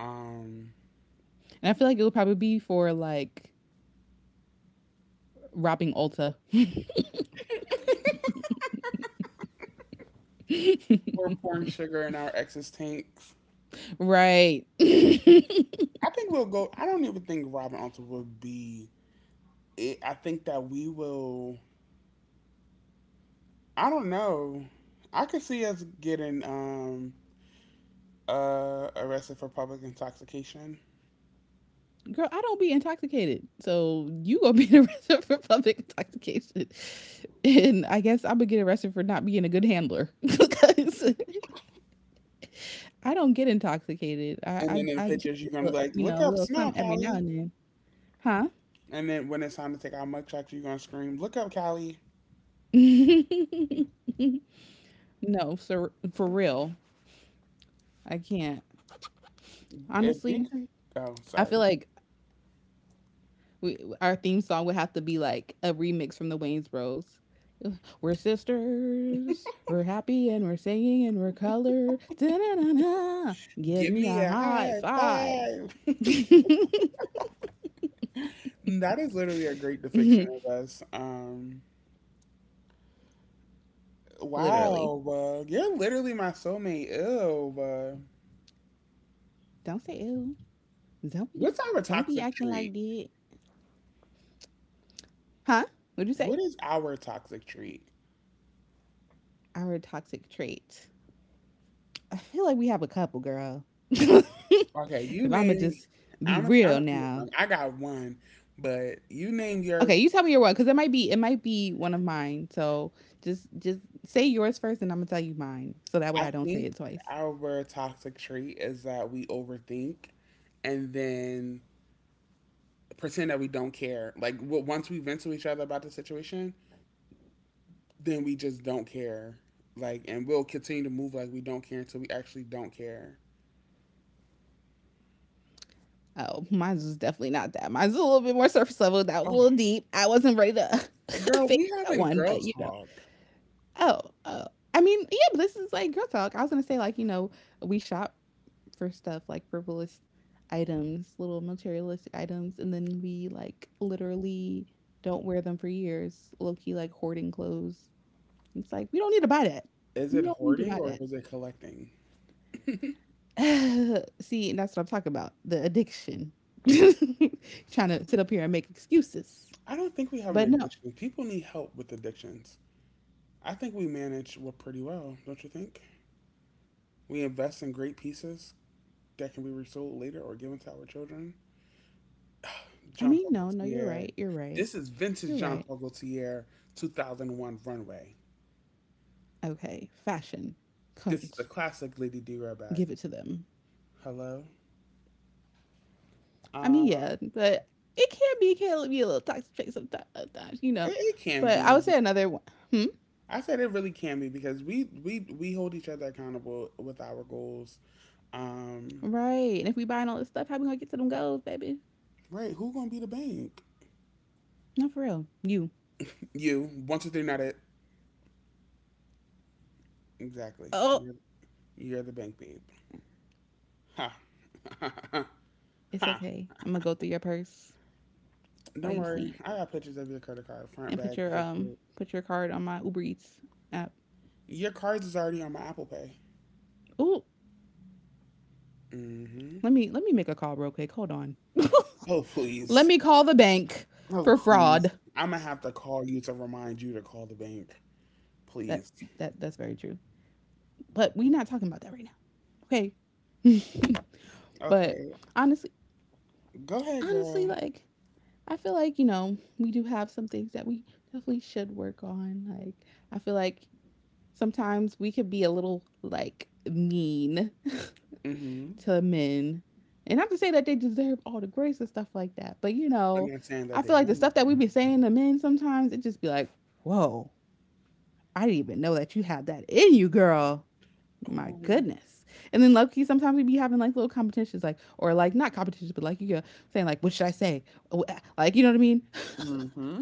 S1: Um,
S2: I feel like it would probably be for like robbing Ulta.
S1: we're pouring sugar in our ex's tanks.
S2: Right.
S1: I think we'll go. I don't even think Robin Alter would be. It, I think that we will. I don't know. I could see us getting um, uh, arrested for public intoxication.
S2: Girl, I don't be intoxicated. So you gonna be arrested for public intoxication. And I guess I would get arrested for not being a good handler. Because I don't get intoxicated. I
S1: And
S2: I
S1: then in the
S2: I drink
S1: pictures, you're
S2: a
S1: gonna be
S2: little,
S1: like,
S2: you
S1: "Look
S2: know, a
S1: up
S2: little
S1: Snog,
S2: something every now
S1: Hallie."
S2: and then. Huh?
S1: And then when it's time to take out mic checks, you're gonna scream, "Look up, Callie!
S2: No, for for real. I can't.
S1: If you
S2: Honestly,
S1: can, oh,
S2: I feel
S1: sorry,
S2: like we, our theme song would have to be like a remix from the Wayne's Bros. We're sisters. We're happy and we're singing and we're colored. Da-na-na-na. Give
S1: give
S2: me
S1: me
S2: a
S1: a
S2: high
S1: high
S2: five.
S1: five." That is literally a great depiction of us. Um,
S2: Literally.
S1: wow, bug, you're literally my soulmate. Ew, bug.
S2: Don't say ill. Don't be
S1: What's our
S2: don't be
S1: toxic
S2: acting like
S1: treat?
S2: that. Huh? What'd you say?
S1: What is our toxic treat?
S2: Our toxic trait. I feel like we have a couple, girl. if
S1: Okay, you
S2: I'ma
S1: name.
S2: just be
S1: I'm. A, I'm.
S2: real
S1: A,
S2: now.
S1: I got one, but you name your.
S2: Okay, you tell me your one because it might be it might be one of mine. So just just say yours first, and I'm gonna tell you mine. So that way
S1: I
S2: I don't say
S1: think
S2: it twice.
S1: our toxic trait is that we overthink, and then pretend that we don't care. Like once we vent to each other about the situation, then we just don't care. Like, and we'll continue to move like we don't care until we actually don't care.
S2: Oh, mine's was definitely not that. Mine's a little bit more surface level. That was
S1: Oh,
S2: a little deep. I wasn't ready to
S1: girl,
S2: fix
S1: we
S2: that
S1: having
S2: one,
S1: girl
S2: but you know.
S1: talk.
S2: Oh, oh. I mean, yeah, but this is like girl talk. I was gonna say like you know we shop for stuff like frivolous items, little materialistic items, and then we like literally don't wear them for years, low key like hoarding clothes. It's like we don't need to buy that.
S1: Is
S2: We
S1: it
S2: don't need to
S1: hoarding
S2: buy
S1: or is it collecting?
S2: that. See, and that's what I'm talking about. The addiction. Trying to sit up here and make excuses.
S1: I don't think we have an
S2: But no,
S1: addiction. People need help with addictions. I think we manage what pretty well, don't you think? We invest in great pieces that can be resold later or given to our children.
S2: I
S1: Jean
S2: mean
S1: Paul
S2: no, no, you're
S1: Gaultier.
S2: right. You're right.
S1: This is vintage
S2: You're
S1: Jean
S2: right.
S1: Paul Gaultier two thousand one runway.
S2: Okay. Fashion.
S1: This is a
S2: Cunt.
S1: classic Lady D row bag.
S2: Give it to them.
S1: Hello.
S2: I
S1: Uh,
S2: mean, yeah, but it can be can be a little toxic trait sometimes, you
S1: it,
S2: know.
S1: it can
S2: But I
S1: be.
S2: would say another one. Hmm.
S1: I said it really can be because we we we hold each other accountable with our goals. Um,
S2: Right. And if we buying all this stuff, how we gonna get to them goals, baby?
S1: right? Who gonna be the bank?
S2: No, for real. You.
S1: You. One, two, three. Not it. Exactly.
S2: Oh,
S1: You're, you're the bank, babe. Ha. ha.
S2: it's
S1: Ha.
S2: okay. I'm gonna go through your purse while
S1: Don't
S2: you
S1: worry.
S2: sleep
S1: I got pictures of your credit card, front
S2: and
S1: back,
S2: put your
S1: zip
S2: um
S1: code.
S2: put your card on my Uber Eats app.
S1: Your cards is already on my Apple Pay.
S2: Oh,
S1: Mm-hmm.
S2: let me let me make a call real quick. Hold on.
S1: Oh
S2: Let
S1: please.
S2: me call the bank
S1: Oh
S2: for
S1: please.
S2: fraud.
S1: I'm gonna have to call you to remind you to call the bank.
S2: That
S1: Please.
S2: that that's very true. But we not talking about that right now. Okay. But
S1: Okay,
S2: honestly,
S1: go ahead,
S2: honestly,
S1: girl.
S2: like, I feel like, you know, we do have some things that we definitely should work on. Like, I feel like sometimes we could be a little, like, mean
S1: Mm-hmm.
S2: to men. And not to say that they deserve all the grace and stuff like that, but, you
S1: But
S2: know,
S1: not saying
S2: I
S1: that
S2: feel
S1: they
S2: like the
S1: don't.
S2: stuff that we be saying to men sometimes, it just be like, whoa, I didn't even know that you had that in you, girl. My
S1: Oh,
S2: goodness. And then low key, sometimes we be having like little competitions, like, or like not competitions, but like you go saying, like, what should I say? Oh, eh, like, you know what I mean?
S1: Mm-hmm.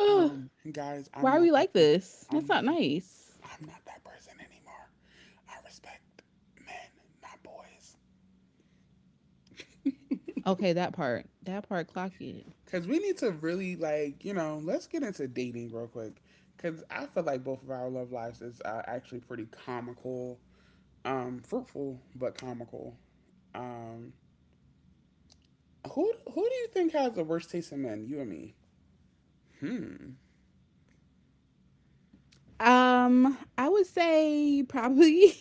S2: Ugh,
S1: um, Guys, I'm
S2: why are
S1: not
S2: we
S1: that.
S2: like
S1: Person.
S2: this?
S1: I'm
S2: That's
S1: not
S2: not
S1: that.
S2: nice.
S1: I'm not that person anymore. I respect men, not boys.
S2: Okay, that part. That part clock it.
S1: Cause we need to really like you know. Let's get into dating real quick. Cause I feel like both of our love lives is uh, actually pretty comical, um, fruitful but comical. Um, who who do you think has the worst taste in men? You and me. Hmm.
S2: Um, I would say probably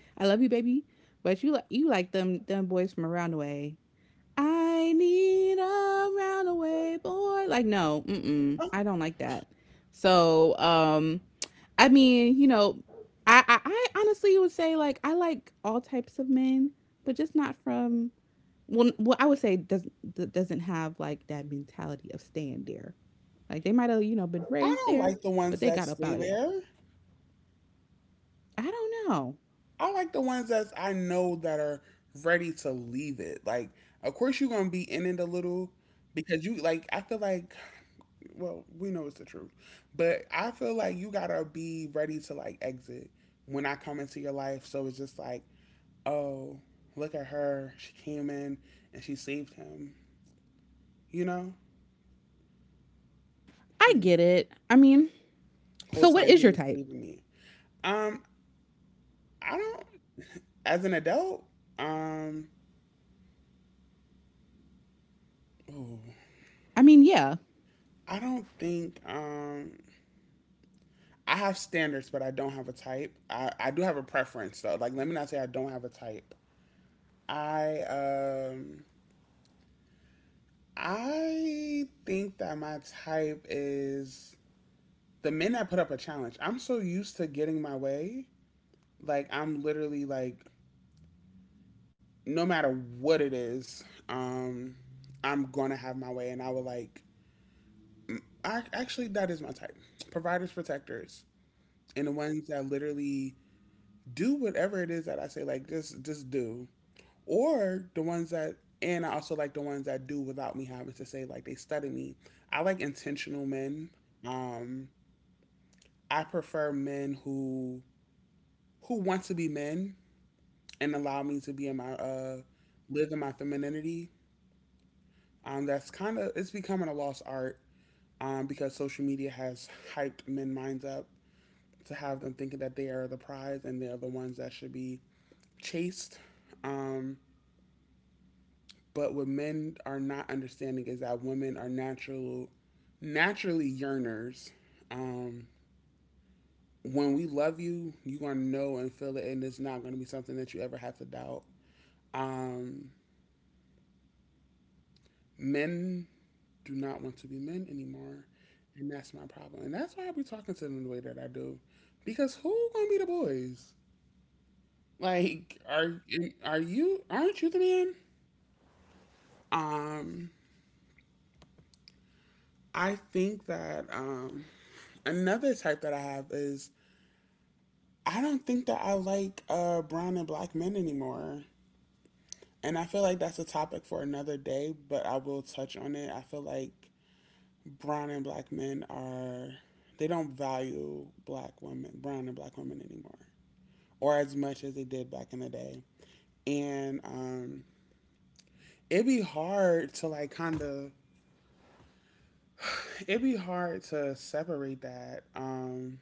S2: I love you, baby. But you like you like them them boys from around the way. I need a roundaway boy. Like no, mm-mm, I don't like that. So um, I mean, you know, I I, I honestly would say like I like all types of men, but just not from well, n- well, I would say doesn't that doesn't have like that mentality of staying there. Like they might have you know been
S1: I
S2: raised
S1: don't
S2: there,
S1: like the
S2: but
S1: ones
S2: they
S1: that
S2: got up
S1: stay
S2: out of there.
S1: there.
S2: I don't know.
S1: I like the ones that I know that are ready to leave it. Like, of course, you're gonna be in it a little because you like. I feel like, well, we know it's the truth, but I feel like you gotta be ready to like exit when I come into your life. So it's just like, oh, look at her. She came in and she saved him. You know,
S2: I
S1: yeah.
S2: get it. I mean,
S1: Whole
S2: so what
S1: time
S2: is
S1: he
S2: your
S1: was
S2: type?
S1: saving me. Um, I don't. As an adult, um. Ooh,
S2: I mean, yeah,
S1: I don't think um I have standards, but I don't have a type. I, I do have a preference though. Like let me not say I don't have a type. I um I think that my type is the men that put up a challenge. I'm so used to getting my way. Like I'm literally like no matter what it is, um I'm gonna have my way and I would like I actually that is my type. Providers protectors. And the ones that literally do whatever it is that I say. Like just just do. Or the ones that and I also like the ones that do without me having to say like they study me. I like intentional men. Um, I prefer men who who want to be men and allow me to be in my uh live in my femininity. Um, that's kind of it's becoming a lost art. Um, because social media has hyped men minds up to have them thinking that they are the prize and they are the ones that should be chased. Um, But what men are not understanding is that women are natural, naturally yearners. Um, when we love you, you're going to know and feel it, and it's not going to be something that you ever have to doubt. Um, Men do not want to be men anymore, and that's my problem. And that's why I be talking to them the way that I do, because who going to be the boys? Like, are are you? Aren't you the man? Um, I think that um, another type that I have is I don't think that I like uh, brown and black men anymore. And I feel like that's a topic for another day, but I will touch on it. I feel like brown and black men are, they don't value black women, brown and black women anymore, or as much as they did back in the day. And um, it'd be hard to like kind of, it'd be hard to separate that. Um,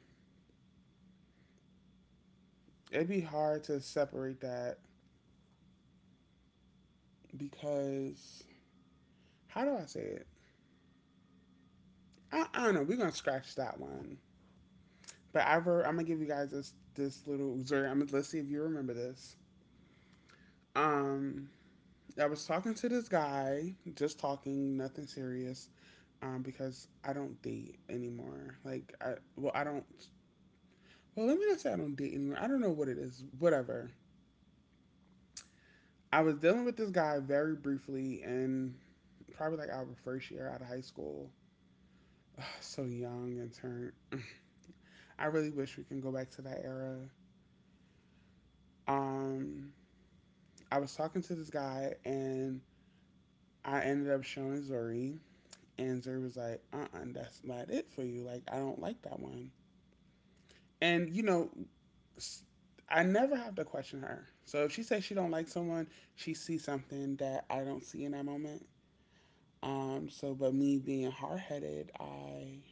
S1: It'd be hard to separate that because, how do I say it? I, I don't know. We're going to scratch that one. But I wrote. I'm gonna give you guys this this little excerpt. I'm gonna let's see if you remember this. Um, I was talking to this guy, just talking, nothing serious, um, because I don't date anymore. Like I, well, I don't. Well, let me not say I don't date anymore. I don't know what it is. Whatever. I was dealing with this guy very briefly, and probably like our first year out of high school. So young and turned. I really wish we can go back to that era. Um, I was talking to this guy, and I ended up showing Zuri, and Zuri was like, uh uh that's not it for you. Like, I don't like that one. And, you know, I never have to question her. So if she says she don't like someone, she sees something that I don't see in that moment. Um, so, but me being hard headed, I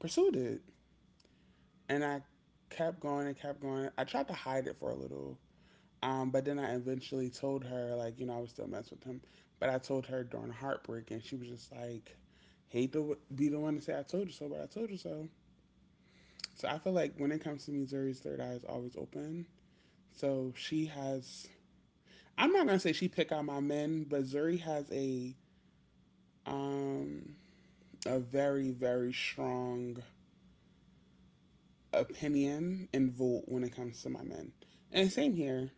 S1: pursued it. And I kept going and kept going. I tried to hide it for a little. Um, but then I eventually told her, like, you know, I would still mess with him. But I told her during heartbreak, and she was just like, hate to be the one to say I told you so, but I told you so. So I feel like when it comes to Missouri's third eye is always open. So she has, I'm not gonna say she pick out my men, but Zuri has a um a very very strong opinion and vote when it comes to my men. And same here,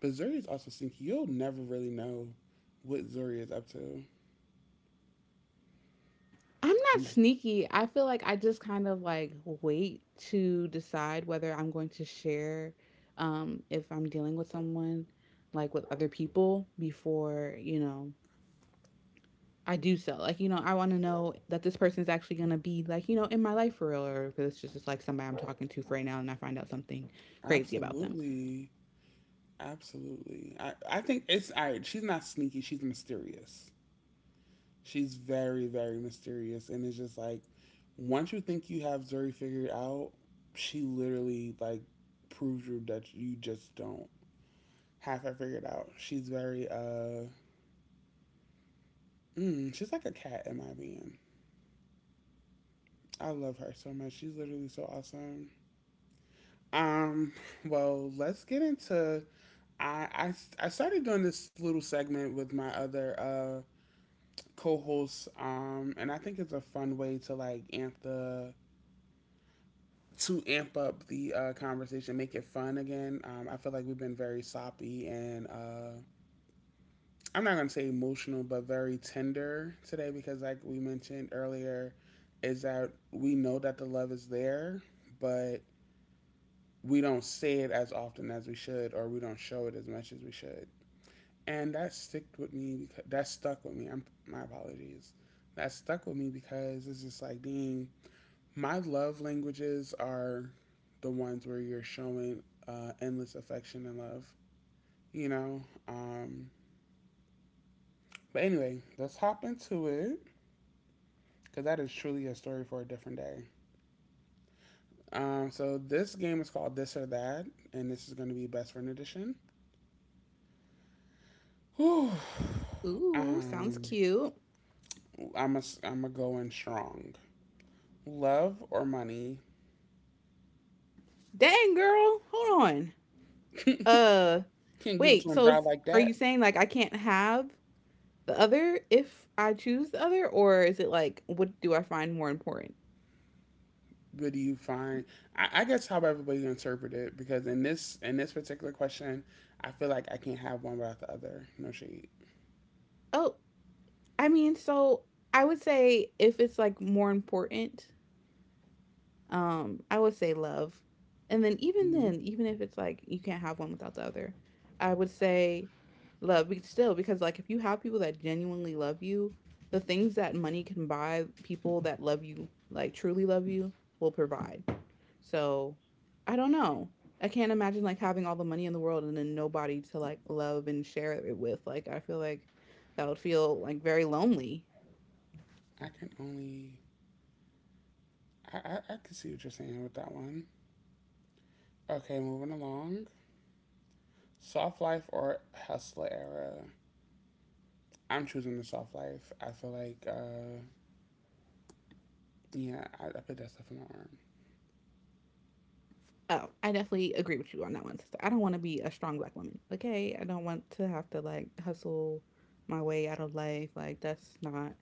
S1: but Zuri is also sneaky. You'll never really know what Zuri is up to.
S2: I'm not sneaky. I feel like I just kind of like wait to decide whether I'm going to share um if I'm dealing with someone like with other people before, you know, I do so. Like, you know, I want to know that this person's actually going to be, like, you know, in my life for real, or if it's just, just like somebody I'm talking to for right now and I find out something crazy about them.
S1: Absolutely. Absolutely. I, I think it's all right. She's not sneaky. She's mysterious. She's very, very mysterious. And it's just like, once you think you have Zuri figured out, she literally, like, proves you that you just don't have her figured out. She's very, uh, mm, she's like a cat in my opinion. I love her so much. She's literally so awesome. Um, well, let's get into. I, I, I started doing this little segment with my other uh, co-hosts, um, and I think it's a fun way to like amp the to amp up the uh, conversation, make it fun again. Um, I feel like we've been very soppy and uh, I'm not gonna say emotional, but very tender today because, like we mentioned earlier, is that we know that the love is there, but we don't say it as often as we should, or we don't show it as much as we should. And that stuck with me because that stuck with me. I'm My apologies. That stuck with me because it's just like, dang, my love languages are the ones where you're showing uh, endless affection and love, you know? Um, but anyway, let's hop into it because that is truly a story for a different day. Um, so this game is called This or That, and this is going to be Best Friend Edition. Whew.
S2: Ooh, sounds
S1: Um,
S2: cute.
S1: I'm a, I'm a Going strong. Love or money?
S2: Dang, girl. Hold on. Uh,
S1: Can't give it to
S2: wait.
S1: him
S2: So
S1: dry
S2: is-
S1: like
S2: are you
S1: that.
S2: saying, like, I can't have the other if I choose the other? Or is it like, what do I find more important?
S1: What do you find? I, I guess how everybody interpret it, because in this in this particular question, I feel like I can't have one without the other. No shade.
S2: Oh, I mean, so I would say if it's like more important, Um, I would say love. And then even
S1: Mhm.
S2: then, even if it's like you can't have one without the other, I would say love be- still, because like if you have people that genuinely love you, the things that money can buy, people that love you, like truly love you, will provide. So, I don't know. I can't imagine like having all the money in the world and then nobody to like love and share it with. Like I feel like that would feel like very lonely.
S1: I can only. I, I, I can see what you're saying with that one. Okay, moving along. Soft life or hustler era? I'm choosing the soft life. I feel like, uh, yeah, I, I put that stuff in my arm.
S2: Oh, I definitely agree with you on that one, sister. I don't want to be a strong black woman. Okay, I don't want to have to like hustle my way out of life. Like that's not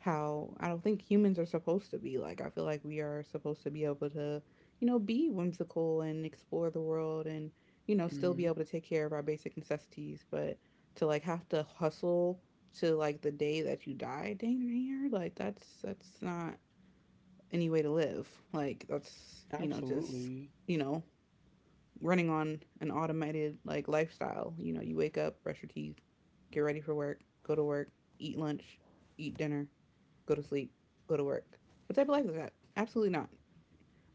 S2: how I don't think humans are supposed to be. Like I feel like we are supposed to be able to, you know, be whimsical and explore the world and, you know, still be
S1: Hmm
S2: able to take care of our basic necessities, but to like have to hustle to like the day that you die, dang near, like that's that's not any way to live. Like that's, you know, just
S1: Absolutely.
S2: you know, running on an automated like lifestyle. You know, you wake up, brush your teeth, get ready for work, go to work, eat lunch, eat dinner, go to sleep, go to work. What type of life is that? Absolutely not.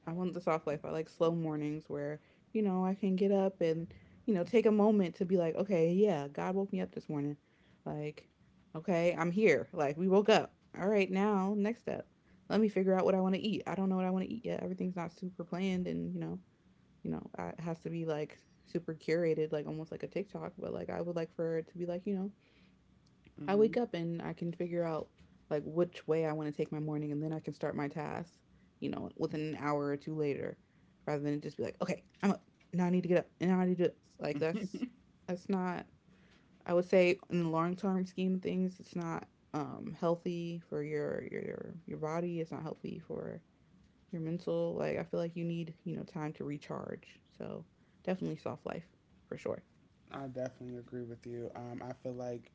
S2: I want the soft life. I like slow mornings where, you know, I can get up and, you know, take a moment to be like, okay, yeah, God woke me up this morning. Like, okay, I'm here. Like, we woke up. All right, now, next step. Let me figure out what I want to eat. I don't know what I want to eat yet. Everything's not super planned and, you know, you know, it has to be like super curated, like almost like a TikTok, but like I would like for it to be like, you know, I wake
S1: Hmm
S2: up and I can figure out like which way I want to take my morning and then I can start my task, you know, within an hour or two later rather than just be like, okay, I'm up. Now I need to get up and now I need to do this. Like that's that's not. I would say in the long term scheme of things, it's not um healthy for your your your body, it's not healthy for your mental. Like I feel like you need you know time to recharge, so definitely soft life for sure.
S1: I definitely agree with you. Um, I feel like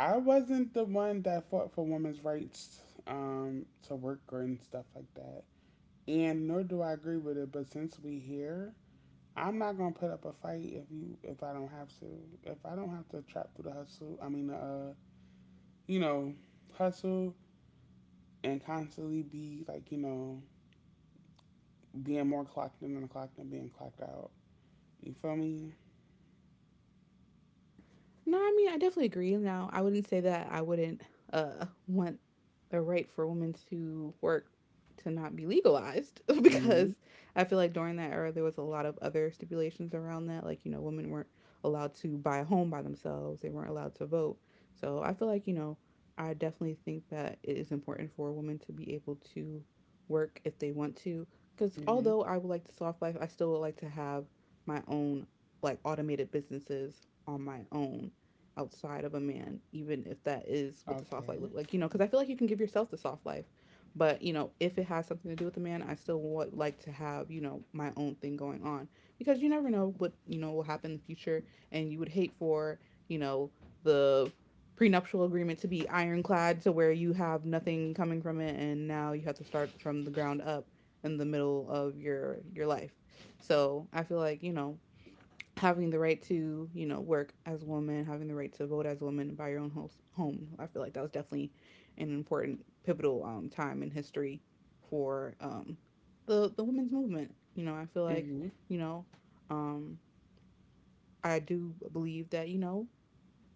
S1: I wasn't the one that fought for women's rights um, to work or and stuff like that. And nor do I agree with it, but since we here, I'm not gonna put up a fight if you if I don't have to. If I don't have to trap through the hustle, I mean, uh, you know, hustle and constantly be like, you know, being more clocked in than clocked and being clocked out. You feel me?
S2: No, I mean, I definitely agree. Now, I wouldn't say that I wouldn't uh want the right for women to work to not be legalized
S1: Mhm.
S2: because I feel like during that era there was a lot of other stipulations around that. Like, you know, women weren't allowed to buy a home by themselves, they weren't allowed to vote. So I feel like, you know, I definitely think that it is important for women to be able to work if they want to. Because
S1: Mhm.
S2: although I would like the soft life, I still would like to have my own like automated businesses on my own outside of a man, even if that is what the soft life look
S1: Okay.
S2: like, you know, because I feel like you can give yourself the soft life. But, you know, if it has something to do with a man, I still would like to have, you know, my own thing going on because you never know what, you know, will happen in the future. And you would hate for, you know, the prenuptial agreement to be ironclad to where you have nothing coming from it and now you have to start from the ground up in the middle of your your life. So, I feel like, you know, having the right to you know work as a woman, having the right to vote as a woman and buy your own house, home. I feel like that was definitely an important pivotal um, time in history for um, the the women's movement, you know. I feel like
S1: Mhm.
S2: you know um, I do believe that you know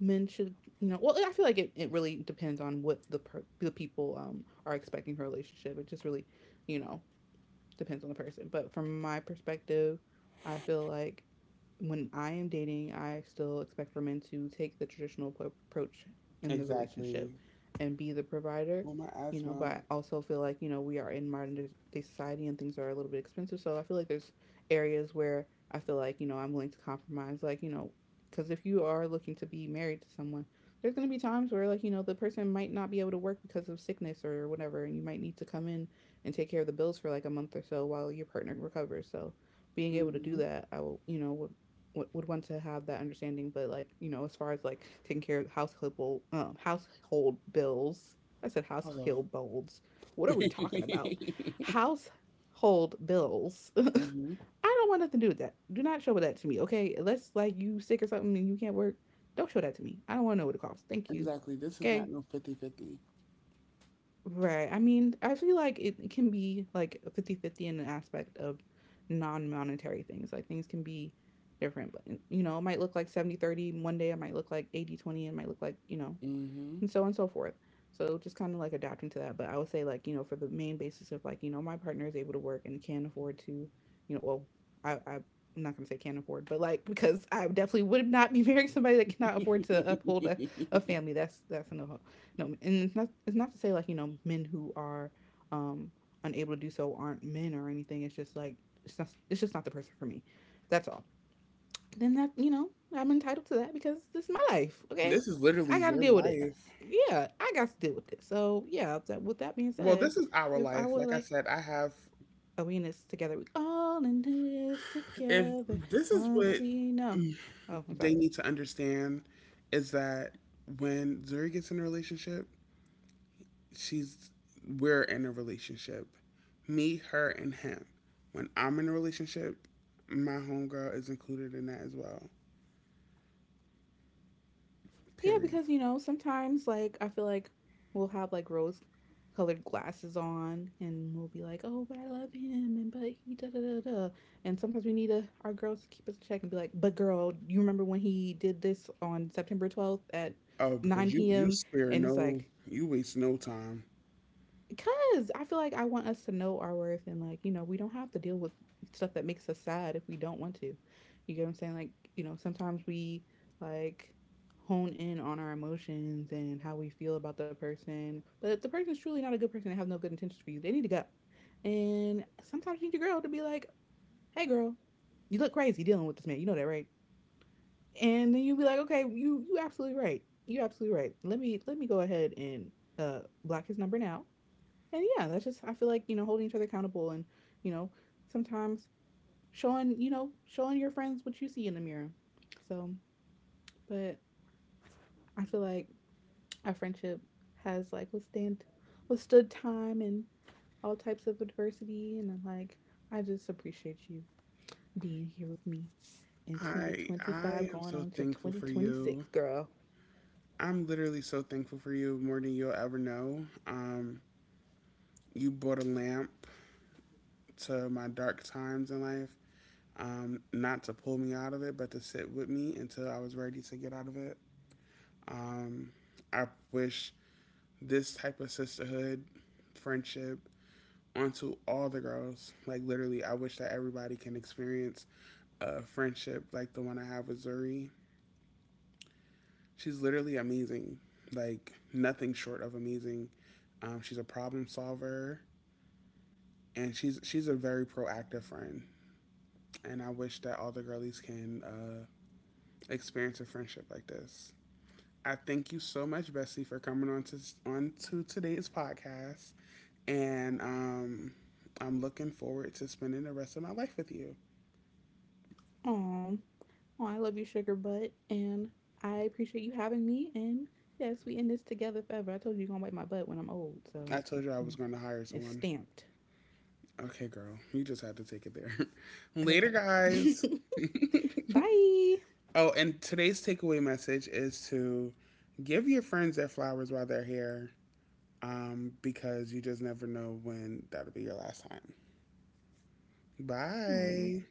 S2: men should you know well I feel like it, it really depends on what the per- the people um, are expecting for a relationship. It just really you know depends on the person. But from my perspective, I feel like when I am dating, I still expect for men to take the traditional po- approach in the
S1: Exactly.
S2: relationship and be the provider,
S1: Well, my
S2: you know. But
S1: asthma.
S2: I also feel like, you know, we are in modern day society and things are a little bit expensive. So I feel like there's areas where I feel like, you know, I'm willing to compromise. Like, you know, because if you are looking to be married to someone, there's going to be times where, like, you know, the person might not be able to work because of sickness or whatever, and you might need to come in and take care of the bills for like a month or so while your partner recovers. So being able to do
S1: Mhm.
S2: that, I will, you know, would would, would want to have that understanding. But like, you know, as far as like taking care of household well, um, household bills, I said
S1: Hello.
S2: household bills. What are we talking about? Household bills. I
S1: hmm
S2: don't want nothing to do with that. Do not show that to me, okay? Unless like you sick or something and you can't work, don't show that to me. I don't want to know what it costs. Thank you.
S1: Exactly. This is not
S2: Okay.
S1: no fifty-fifty.
S2: Right. I mean, I feel like it, it can be like fifty-fifty in an aspect of non-monetary things. Like things can be different, but you know, it might look like seventy-thirty one day, it might look like eighty-twenty, it might look like, you know,
S1: fifty. Hmm
S2: and so on and so forth. So just kind of like adapting to that. But I would say like, you know, for the main basis of like, you know, my partner is able to work and can afford to, you know, well, I, I am not gonna say can afford, but like because I definitely would not be marrying somebody that cannot afford to uphold a, a family. That's that's a no no. And it's not, it's not to say like you know men who are um unable to do so aren't men or anything. It's just like it's not it's just not the person for me. That's all. Then that you know I'm entitled to that because this is my life. Okay,
S1: This is literally
S2: I got to
S1: your
S2: deal with it.
S1: life.
S2: Yeah, I got to deal with it. So yeah, that, with that being
S1: Well,
S2: said,
S1: this is our
S2: if I
S1: life.
S2: were
S1: Like I
S2: like,
S1: said, I have.
S2: are we in this together? We all in this
S1: If
S2: together.
S1: this is
S2: Once
S1: what
S2: we know. Oh, I'm
S1: they
S2: sorry.
S1: need to understand, is that when Zuri gets in a relationship, she's we're in a relationship. Me, her, and him. When I'm in a relationship, my homegirl is included in that as well.
S2: Yeah,
S1: Period.
S2: because you know, sometimes like I feel like we'll have like rose colored glasses on and we'll be like, "Oh, but I love him and but he da da da da." And sometimes we need a, our girls to keep us in check and be like, "But girl, you remember when he did this on September twelfth at
S1: Oh, because you
S2: 9
S1: you
S2: p.m.?"
S1: spare
S2: And it's
S1: no,
S2: like,
S1: you waste no time.
S2: because I feel like I want us to know our worth and, like, you know, we don't have to deal with stuff that makes us sad if we don't want to. You get what I'm saying? Like, you know, sometimes we like hone in on our emotions and how we feel about the person. But if the person is truly not a good person and have no good intentions for you, they need to go. And sometimes you need your girl to be like, hey, girl, you look crazy dealing with this man. You know that, right? And then you'll be like, okay, you you absolutely right. You absolutely right. Let me let me go ahead and uh block his number now, and yeah, that's just I feel like, you know, holding each other accountable and, you know, sometimes showing, you know, showing your friends what you see in the mirror. So, but I feel like our friendship has like withstand withstood time and all types of adversity, and I'm like I just appreciate you being here with me in
S1: I
S2: twenty twenty-five
S1: I am
S2: going
S1: so
S2: on to
S1: thankful for
S2: twenty twenty-six,
S1: you.
S2: girl.
S1: I'm literally so thankful for you more than you'll ever know. Um, you brought a lamp to my dark times in life. Um, not to pull me out of it, but to sit with me until I was ready to get out of it. Um, I wish this type of sisterhood, friendship, onto all the girls. Like literally, I wish that everybody can experience a friendship like the one I have with Zuri. She's literally amazing, like nothing short of amazing. Um, she's a problem solver, and she's she's a very proactive friend. And I wish that all the girlies can uh, experience a friendship like this. I thank you so much, Bessie, for coming on to on to today's podcast, and um, I'm looking forward to spending the rest of my life with you.
S2: Oh, oh, I love you, sugar butt, and I appreciate you having me. And yes, we in this together forever. I told you you're gonna wipe my butt when I'm old, so
S1: I told you I
S2: mm,
S1: was going to hire
S2: it's
S1: someone.
S2: stamped.
S1: Okay, girl. You just had to take it there.
S2: Okay.
S1: Later, guys.
S2: Bye.
S1: Oh, and today's takeaway message is to give your friends their flowers while they're here um, because you just never know when that'll be your last time.
S2: Mm,
S1: Bye.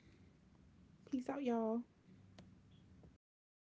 S2: peace out, y'all.